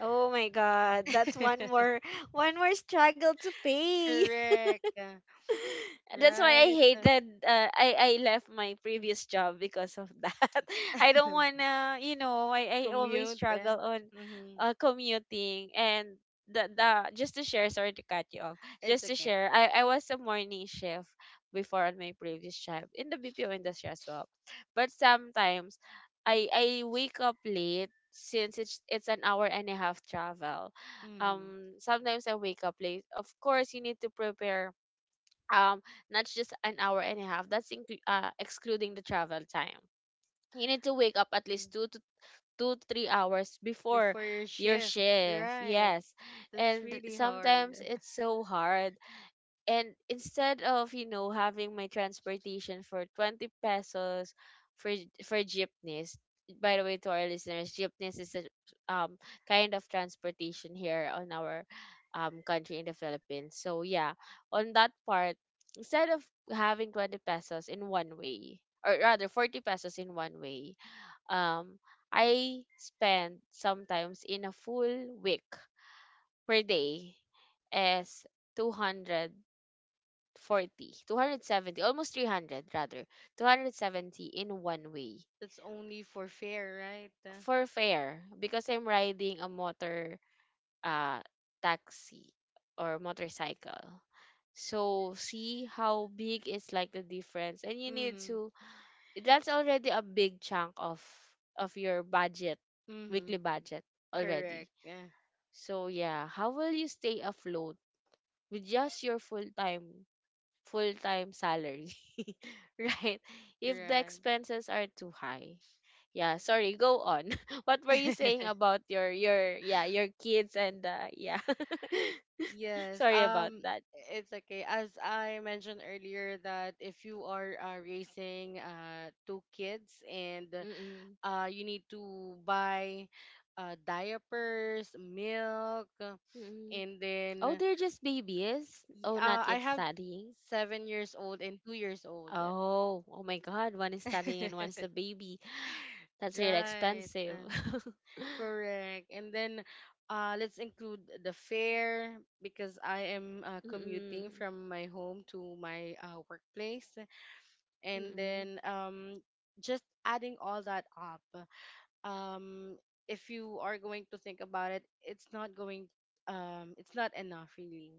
Speaker 1: Oh my God, that's one
Speaker 2: [laughs]
Speaker 1: more, [laughs] one more struggle to pay. [laughs]
Speaker 2: Correct.
Speaker 1: That's why I
Speaker 2: Right.
Speaker 1: hated, I left my previous job because of that. [laughs] I don't
Speaker 2: [laughs]
Speaker 1: wanna, you know, I always
Speaker 2: Commute.
Speaker 1: struggle
Speaker 2: Eh?
Speaker 1: on
Speaker 2: Mm-hmm.
Speaker 1: commuting and the just to share, sorry to cut you off.
Speaker 2: It's
Speaker 1: Just to
Speaker 2: okay.
Speaker 1: share, I was a morning shift before on my previous job in the BPO industry as well. But sometimes I wake up late since it's an hour and a half travel.
Speaker 2: Mm-hmm.
Speaker 1: Sometimes I wake up late. Of course, you need to prepare, um not just an hour and a half, excluding the travel time, you need to wake up at least two to three hours before
Speaker 2: Before your
Speaker 1: your
Speaker 2: shift.
Speaker 1: shift,
Speaker 2: Right.
Speaker 1: yes.
Speaker 2: That's
Speaker 1: And
Speaker 2: really hard.
Speaker 1: sometimes it's so hard, and instead of, you know, having my transportation for 20 pesos for jeepneys, by the way, to our listeners, jeepneys is a um kind of transportation here on our country in the Philippines, so yeah, on that part, instead of having 20 pesos in one way, or rather 40 pesos in one way, um I spend sometimes in a full week per day as 200 40, 270, almost 300 rather, 270 in one way
Speaker 2: That's only for fair, right?
Speaker 1: for fare because I'm riding a motor uh, taxi or motorcycle. So see how big is like the difference and you need
Speaker 2: Mm-hmm.
Speaker 1: to, that's already a big chunk of your budget, weekly
Speaker 2: Mm-hmm.
Speaker 1: budget already.
Speaker 2: Correct. Yeah.
Speaker 1: So yeah, how will you stay afloat with just your full-time salary, [laughs] right? If the
Speaker 2: Right.
Speaker 1: expenses are too high. Yeah, sorry, go on. [laughs] What were you saying
Speaker 2: [laughs]
Speaker 1: about your yeah, your kids and yeah. [laughs]
Speaker 2: Yes.
Speaker 1: Sorry about that.
Speaker 2: It's okay. As I mentioned earlier, that if you are raising two kids and
Speaker 1: Mm-mm.
Speaker 2: you need to buy diapers, milk,
Speaker 1: Mm-mm.
Speaker 2: and
Speaker 1: Oh,
Speaker 2: then
Speaker 1: they're just babies. Oh, not
Speaker 2: I
Speaker 1: yet
Speaker 2: have
Speaker 1: studying.
Speaker 2: 7 years old and 2 years old.
Speaker 1: Oh, oh my God, one is studying and one's a
Speaker 2: [laughs]
Speaker 1: baby. [gasps] That's really
Speaker 2: Right,
Speaker 1: expensive. [laughs]
Speaker 2: correct. And then let's include the fare because I am commuting
Speaker 1: Mm-mm,
Speaker 2: from my home to my workplace, and
Speaker 1: mm-mm,
Speaker 2: then just adding all that up. um if you are going to think about it, it's not going, it's not enough really.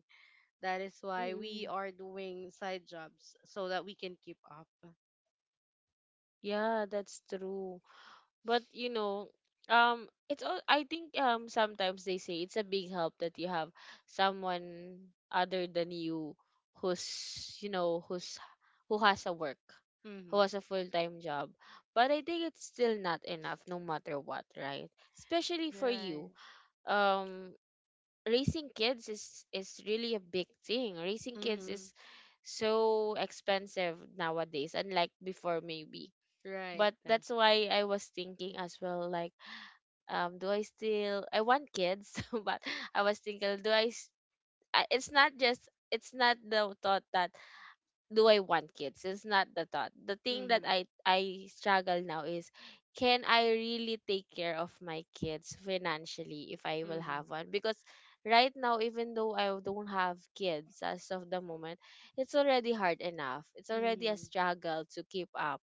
Speaker 2: That is why we
Speaker 1: mm-mm.
Speaker 2: are doing side jobs so that we can keep up.
Speaker 1: Yeah, that's true. But you know, it's all, I think, sometimes they say it's a big help that you have someone other than you who's you know who's, who has a work, who
Speaker 2: Mhm.
Speaker 1: has a full-time job, but I think it's still not enough no matter what, right? Especially for
Speaker 2: Right.
Speaker 1: you. um Raising kids is really a big thing. Raising kids
Speaker 2: Mhm.
Speaker 1: is so expensive nowadays, unlike before maybe,
Speaker 2: Right.
Speaker 1: but that's why I was thinking as well, like, do I still, I want kids, [laughs] but I was thinking, it's not just, it's not the thought that, do I want kids, it's not the thought, the thing that
Speaker 2: Mhm.
Speaker 1: I struggle now is, can I really take care of my kids financially if I will have
Speaker 2: Mhm.
Speaker 1: one? Because right now, even though I don't have kids as of the moment, it's already hard enough, it's already a
Speaker 2: Mhm.
Speaker 1: struggle to keep up,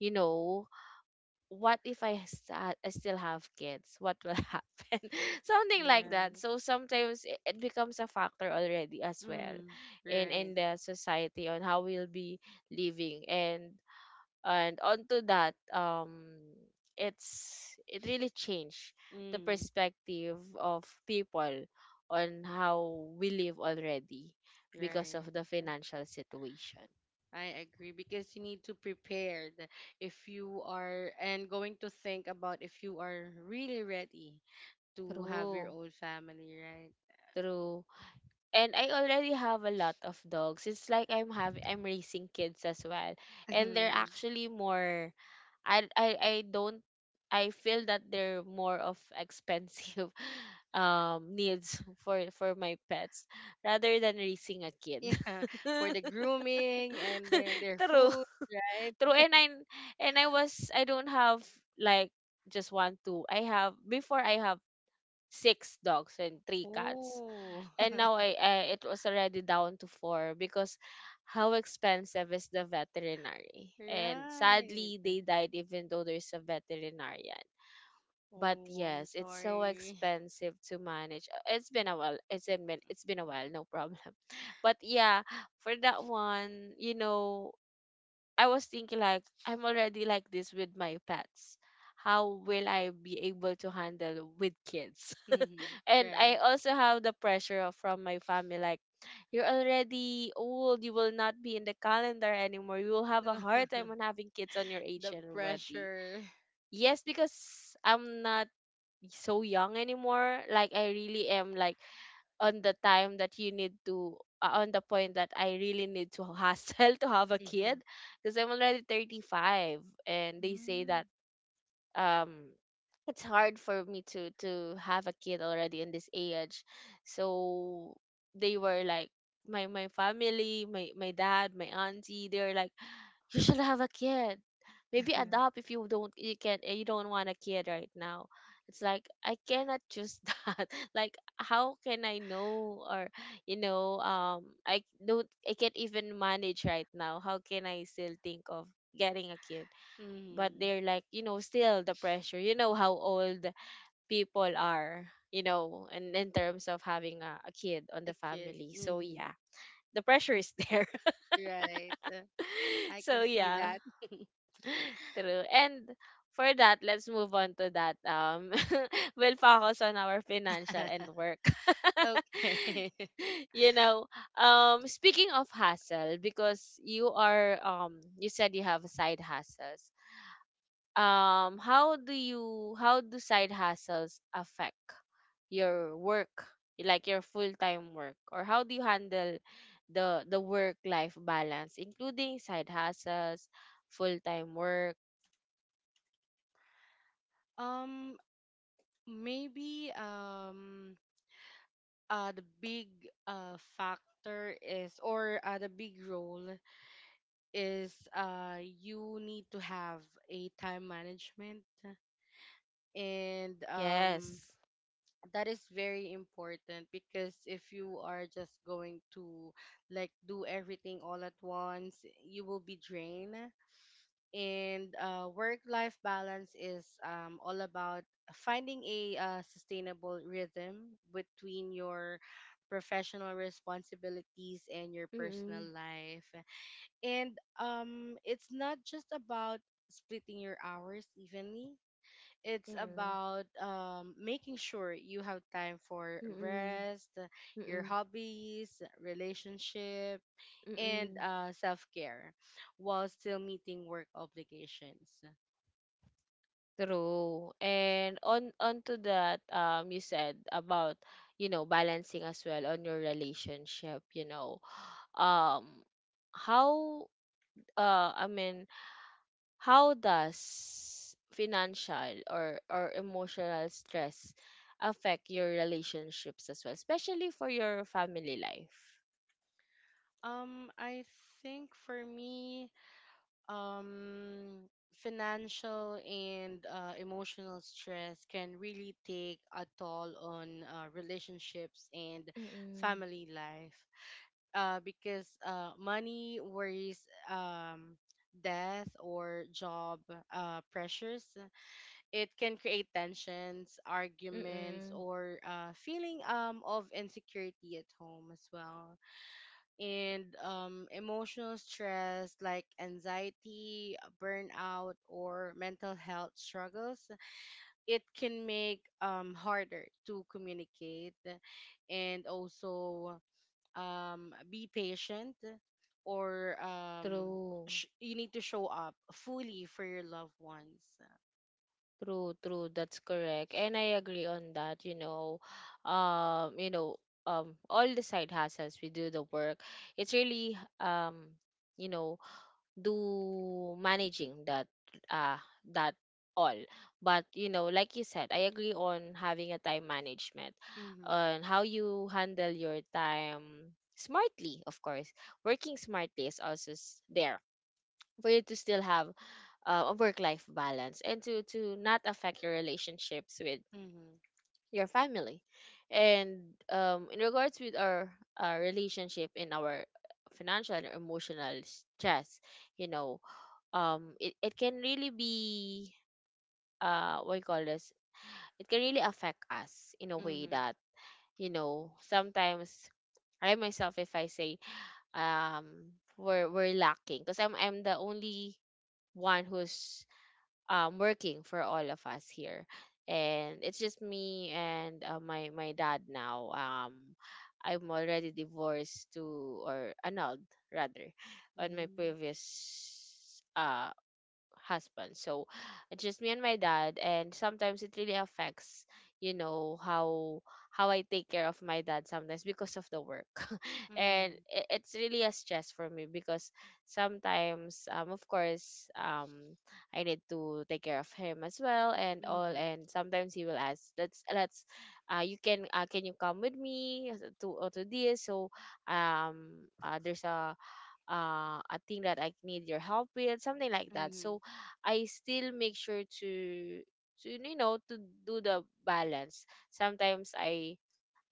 Speaker 1: you know. What if I, I still have kids? What will [laughs] happen? Something like that.
Speaker 2: Right.
Speaker 1: So sometimes it becomes a factor already as well
Speaker 2: Mhm.
Speaker 1: in
Speaker 2: Right.
Speaker 1: the society on how we'll be living, and onto that, it's, it really changed the
Speaker 2: Mm.
Speaker 1: perspective of people on how we live already, because of
Speaker 2: Right.
Speaker 1: the financial situation.
Speaker 2: I agree, because you need to prepare if you are and going to think about if you are really ready to have your
Speaker 1: True,
Speaker 2: own family, right?
Speaker 1: true. And I already have a lot of dogs. It's like I'm raising kids as well, and they're
Speaker 2: [laughs]
Speaker 1: actually more. I don't. I feel that they're more of expensive [laughs] needs for my pets rather than raising a kid. [laughs]
Speaker 2: Yeah, for the grooming and then their
Speaker 1: True.
Speaker 2: food, right?
Speaker 1: True. And I was, I don't have like just one two. I have six dogs and three cats,
Speaker 2: Oh,
Speaker 1: and now
Speaker 2: [laughs]
Speaker 1: I it was already down to four because how expensive is the veterinary, and sadly they
Speaker 2: right.
Speaker 1: died even though there's a veterinarian. But
Speaker 2: Oh, I'm
Speaker 1: yes, it's so
Speaker 2: sorry.
Speaker 1: expensive to manage. It's been a while, it's been a while, no problem. [laughs] But yeah, for that one, you know, I was thinking like, I'm already like this with my pets. How will I be able to handle with kids?
Speaker 2: Mm-hmm.
Speaker 1: [laughs] And I
Speaker 2: Right.
Speaker 1: also have the pressure of- from my family, like, you're already old, you will not be in the calendar anymore. You will have a hard time on
Speaker 2: [laughs]
Speaker 1: having kids on your age
Speaker 2: The
Speaker 1: already.
Speaker 2: pressure.
Speaker 1: Yes, because I'm not so young anymore. Like I really am, like, on the time that you need to, on the point that I really need to hustle [laughs] to have a kid
Speaker 2: Mm-hmm.
Speaker 1: because I'm already 35, and they say
Speaker 2: Mm.
Speaker 1: that, um it's hard for me to have a kid already in this age. So they were like, my family, my dad, my auntie, they were like, [sighs] you should have a kid, maybe
Speaker 2: [laughs]
Speaker 1: adopt, if you don't, you can not, you don't want a kid right now. It's like I cannot choose [laughs] that. Like how can I know, or, you know, I don't, I can't even manage right now, how can I still think of getting a kid? But
Speaker 2: Mm-hmm.
Speaker 1: they're like, you know, still the pressure, you know, how old people are, you know, and in terms of having a kid on the
Speaker 2: A kid.
Speaker 1: family, so
Speaker 2: Mm-hmm.
Speaker 1: yeah, the pressure is there.
Speaker 2: Right.
Speaker 1: [laughs]
Speaker 2: I
Speaker 1: So
Speaker 2: can see
Speaker 1: yeah,
Speaker 2: that.
Speaker 1: true. And for that, let's move on to that, [laughs] we'll focus on our financial and
Speaker 2: [laughs]
Speaker 1: work. [laughs]
Speaker 2: Okay. [laughs]
Speaker 1: You know, speaking of hustle because you are, you said you have a side hustle, how do you, how do side hustles affect your work, like your full-time work, or how do you handle the work life balance, including side hustles, full-time work?
Speaker 2: Um, maybe the big factor is, or the big role is, you need to have a time management, and
Speaker 1: Yes.
Speaker 2: that is very important, because if you are just going to like do everything all at once, you will be drained, and work-life balance is all about finding a sustainable rhythm between your professional responsibilities and your personal
Speaker 1: Mm-mm.
Speaker 2: life. And it's not just about splitting your hours evenly. It's
Speaker 1: Mm-mm.
Speaker 2: about making sure you have time for
Speaker 1: Mm-mm.
Speaker 2: rest, your
Speaker 1: Mm-mm.
Speaker 2: hobbies, relationship, and
Speaker 1: Mm-mm.
Speaker 2: self care while still meeting work obligations?
Speaker 1: True. And on onto that, you said about, you know, balancing as well on your relationship, you know. Um, how, uh I mean, how does financial or emotional stress affect your relationships as well, especially for your family life?
Speaker 2: I think for me, um, financial and emotional stress can really take a toll on relationships and
Speaker 1: Mm-mm.
Speaker 2: family life, because money worries, um, death or job pressures, it can create tensions, arguments,
Speaker 1: Mm-mm.
Speaker 2: or feeling of insecurity at home as well. And emotional stress like anxiety, burnout, or mental health struggles, it can make harder to communicate, and also be patient, or
Speaker 1: True.
Speaker 2: you need to show up fully for your loved ones.
Speaker 1: True, true. That's correct. And I agree on that, you know. You know, all the side hustles we do the work. It's really, you know, do managing that uh that all. But you know, like you said, I agree on having a time management
Speaker 2: Mm-hmm.
Speaker 1: on how you handle your time smartly. Of course, working smartly is also, there, for you to still have a work life balance, and to not affect your relationships with
Speaker 2: Mm-hmm.
Speaker 1: your family, and in regards with our relationship in our financial and emotional stress, you know, it can really be, what you call this it can really affect us in a way
Speaker 2: Mm-hmm.
Speaker 1: that, you know, sometimes I myself, if I say, um we're lacking because I'm the only one who's working for all of us here, and it's just me and, my dad now, I'm already divorced to, or annulled rather, on my
Speaker 2: Mm.
Speaker 1: previous husband. So it's just me and my dad, and sometimes it really affects, you know, how I take care of my dad sometimes because of the work. [laughs] And
Speaker 2: Mhm.
Speaker 1: it's really a stress for me because sometimes, of course, I need to take care of him as well and all,
Speaker 2: Mhm.
Speaker 1: and sometimes he will ask, let's, you can, can you come with me to, to this, so, um there's a, a thing that I need your help with, something like that. So
Speaker 2: Mhm.
Speaker 1: I still make sure to, you know, to do the balance. Sometimes I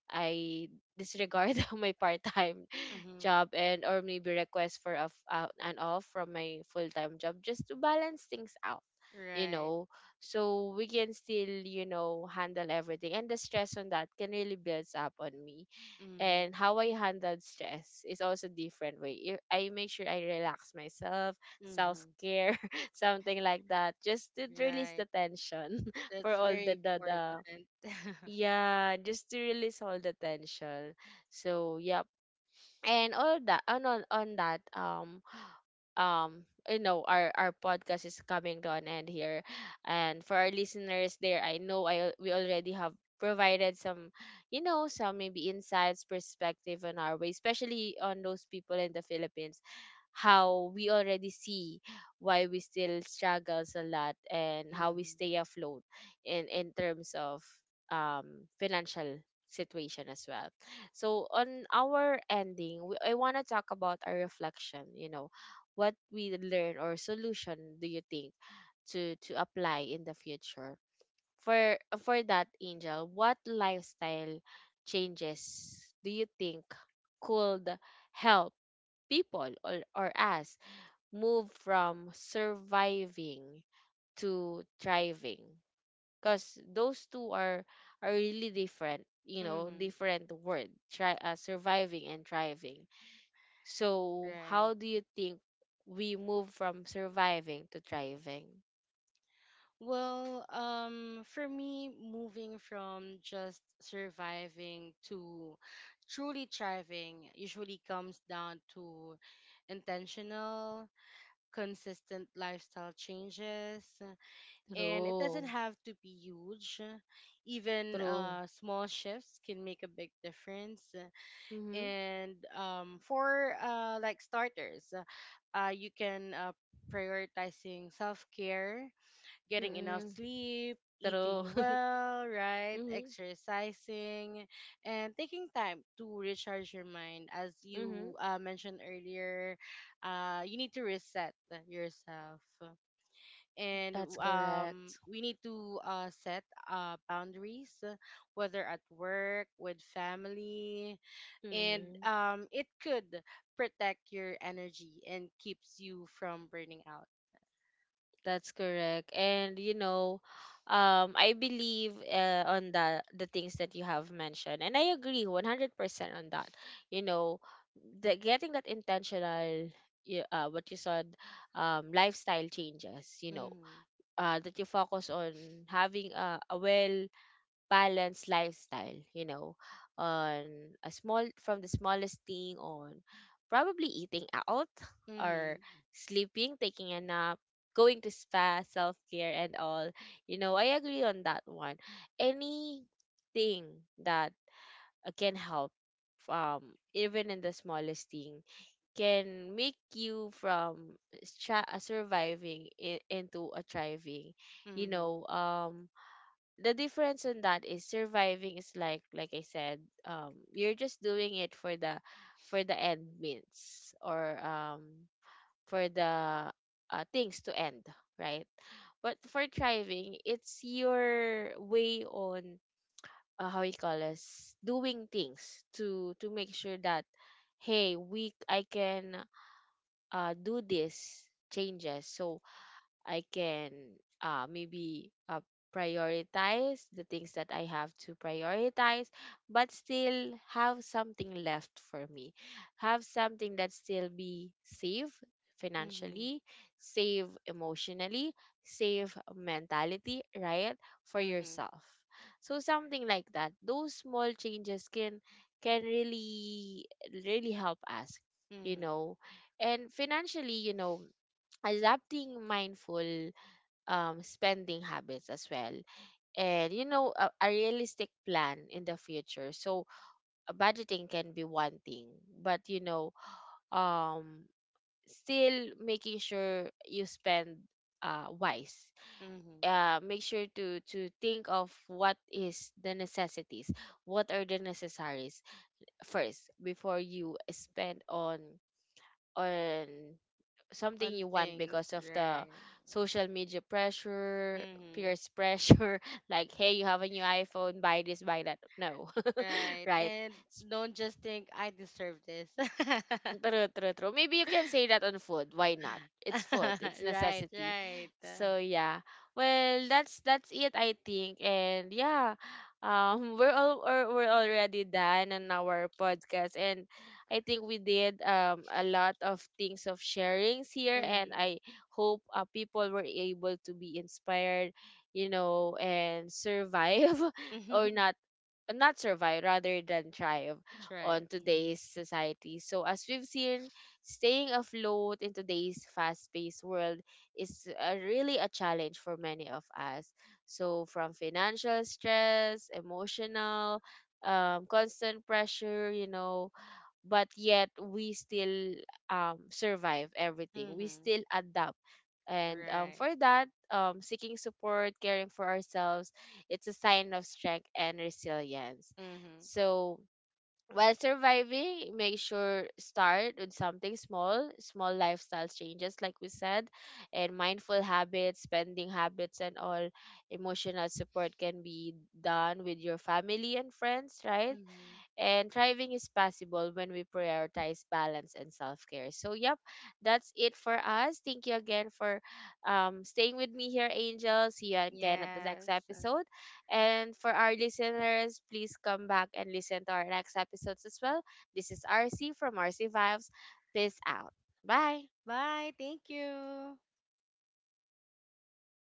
Speaker 1: I disregard [laughs] my part-time
Speaker 2: Mhm.
Speaker 1: job and or maybe request for an off from my full-time job just to balance things out, you
Speaker 2: Right.
Speaker 1: know, so we can still, you know, handle everything. And the stress on that can really builds up on me,
Speaker 2: Mhm.
Speaker 1: and how I handled stress is also different way. If I make sure I relax myself, self
Speaker 2: Mhm.
Speaker 1: care, [laughs] something like that, just to release the
Speaker 2: Right.
Speaker 1: tension [laughs] for
Speaker 2: That's
Speaker 1: all
Speaker 2: very
Speaker 1: the
Speaker 2: important. [laughs]
Speaker 1: yeah, just to release all the tension. So yeah, and all that on that you know, our podcast is coming to an end here. And for our listeners there, I know I al- we already have provided some, you know, some maybe insights perspective on our way, especially on those people in the Philippines, how we already see why we still struggles a lot and how we
Speaker 2: Mhm.
Speaker 1: stay afloat in terms of um financial situation as well. So on our ending I want to talk about our reflection, you know, what we learn or solution do you think to apply in the future, for for that Angel, what lifestyle changes do you think could help people or us move from surviving to thriving, because those two are really different, you know,
Speaker 2: Mhm.
Speaker 1: different word try surviving and thriving. So, how
Speaker 2: Right.
Speaker 1: do you think we move from surviving to thriving?
Speaker 2: Well, for me, moving from just surviving to truly thriving usually comes down to intentional, consistent lifestyle changes, and it doesn't
Speaker 1: True.
Speaker 2: have to be huge. Even
Speaker 1: True.
Speaker 2: small shifts can make a big difference.
Speaker 1: Mm-hmm.
Speaker 2: And for like starters, you can prioritizing self-care, getting enough
Speaker 1: Mm-mm.
Speaker 2: sleep,
Speaker 1: True.
Speaker 2: eating well,
Speaker 1: [laughs]
Speaker 2: right,
Speaker 1: Mm-hmm.
Speaker 2: exercising, and taking time to recharge your mind. As
Speaker 1: Mm-hmm.
Speaker 2: you mentioned earlier, you need to reset yourself. And
Speaker 1: That's correct.
Speaker 2: we need to set boundaries, whether at work, with family, and
Speaker 1: Mm-hmm.
Speaker 2: it could protect your energy and keeps you from burning out.
Speaker 1: That's correct. And you know, I believe on the things that you have mentioned, and I agree 100% on that. You know, the getting that intentional, what you said, lifestyle changes. You know,
Speaker 2: Mm-hmm.
Speaker 1: that you focus on having a well balanced lifestyle, you know, on a small, from the smallest thing, on probably eating out, or
Speaker 2: Mm-hmm.
Speaker 1: sleeping, taking a nap, going to spa, self care, and all. You know, I agree on that one. Anything that can help um, even in the smallest thing, can make you from surviving into a thriving. You
Speaker 2: Mm-hmm.
Speaker 1: know, um, the difference in that is surviving is like I said, um, you're just doing it for the, for the end means, or um, for the things to end, right? But for thriving, it's your way on how you call us doing things to make sure that, hey, we I can do these changes. So I can maybe prioritize the things that I have to prioritize, but still have something left for me. Have something that still be safe
Speaker 2: Mm-hmm.
Speaker 1: financially, save emotionally, save mentality, right? For
Speaker 2: Mm-hmm.
Speaker 1: yourself. So something like that. Those small changes can really really help us, you
Speaker 2: Mm-hmm.
Speaker 1: know. And financially, you know, adapting mindful spending habits as well. And you know, a realistic plan in the future. So budgeting can be one thing, but you know, um, still making sure you spend wise,
Speaker 2: Mm-hmm.
Speaker 1: make sure to think of what is the necessities, what are the necessaries first before you spend on something
Speaker 2: On
Speaker 1: you want
Speaker 2: things,
Speaker 1: because of the
Speaker 2: right.
Speaker 1: social media pressure,
Speaker 2: Mm-hmm.
Speaker 1: peers pressure, [laughs] like, hey, you have a new iPhone, buy this, buy that. No,
Speaker 2: Right.
Speaker 1: [laughs] right?
Speaker 2: And don't just think I deserve this. [laughs]
Speaker 1: True, true, true. Maybe you can say that on food. Why not? It's food. It's
Speaker 2: [laughs] Right,
Speaker 1: necessity.
Speaker 2: right.
Speaker 1: So yeah. Well, that's it, I think. And yeah, [laughs] we're all, or we're already done on our podcast, and I think we did a lot of things of sharings here, and
Speaker 2: Mhm.
Speaker 1: I hope people were able to be inspired, you know, and survive [laughs] or not,
Speaker 2: [laughs]
Speaker 1: not survive rather than thrive
Speaker 2: That's
Speaker 1: on
Speaker 2: right. Mhm.
Speaker 1: today's society. So as we've seen, staying afloat in today's fast-paced world is really a challenge for many of us. So from financial stress, emotional, constant pressure, you know, but yet we still survive everything. We
Speaker 2: Mhm.
Speaker 1: still adapt. And for
Speaker 2: Right.
Speaker 1: that, seeking support, caring for ourselves, it's a sign of strength and resilience.
Speaker 2: Mhm.
Speaker 1: So while surviving, make sure start with something small, small lifestyle changes, like we said, and mindful habits, spending habits, and all. Emotional support can be done with your family and friends, right?
Speaker 2: Mhm.
Speaker 1: And thriving is possible when we prioritize balance and self care. So, yep, that's it for us. Thank you again for staying with me here, Angel. See you again at the next
Speaker 2: Yes.
Speaker 1: episode. And for our listeners, please come back and listen to our next episodes as well. This is RC from RC Vibes. Peace out. Bye.
Speaker 2: Bye. Thank you.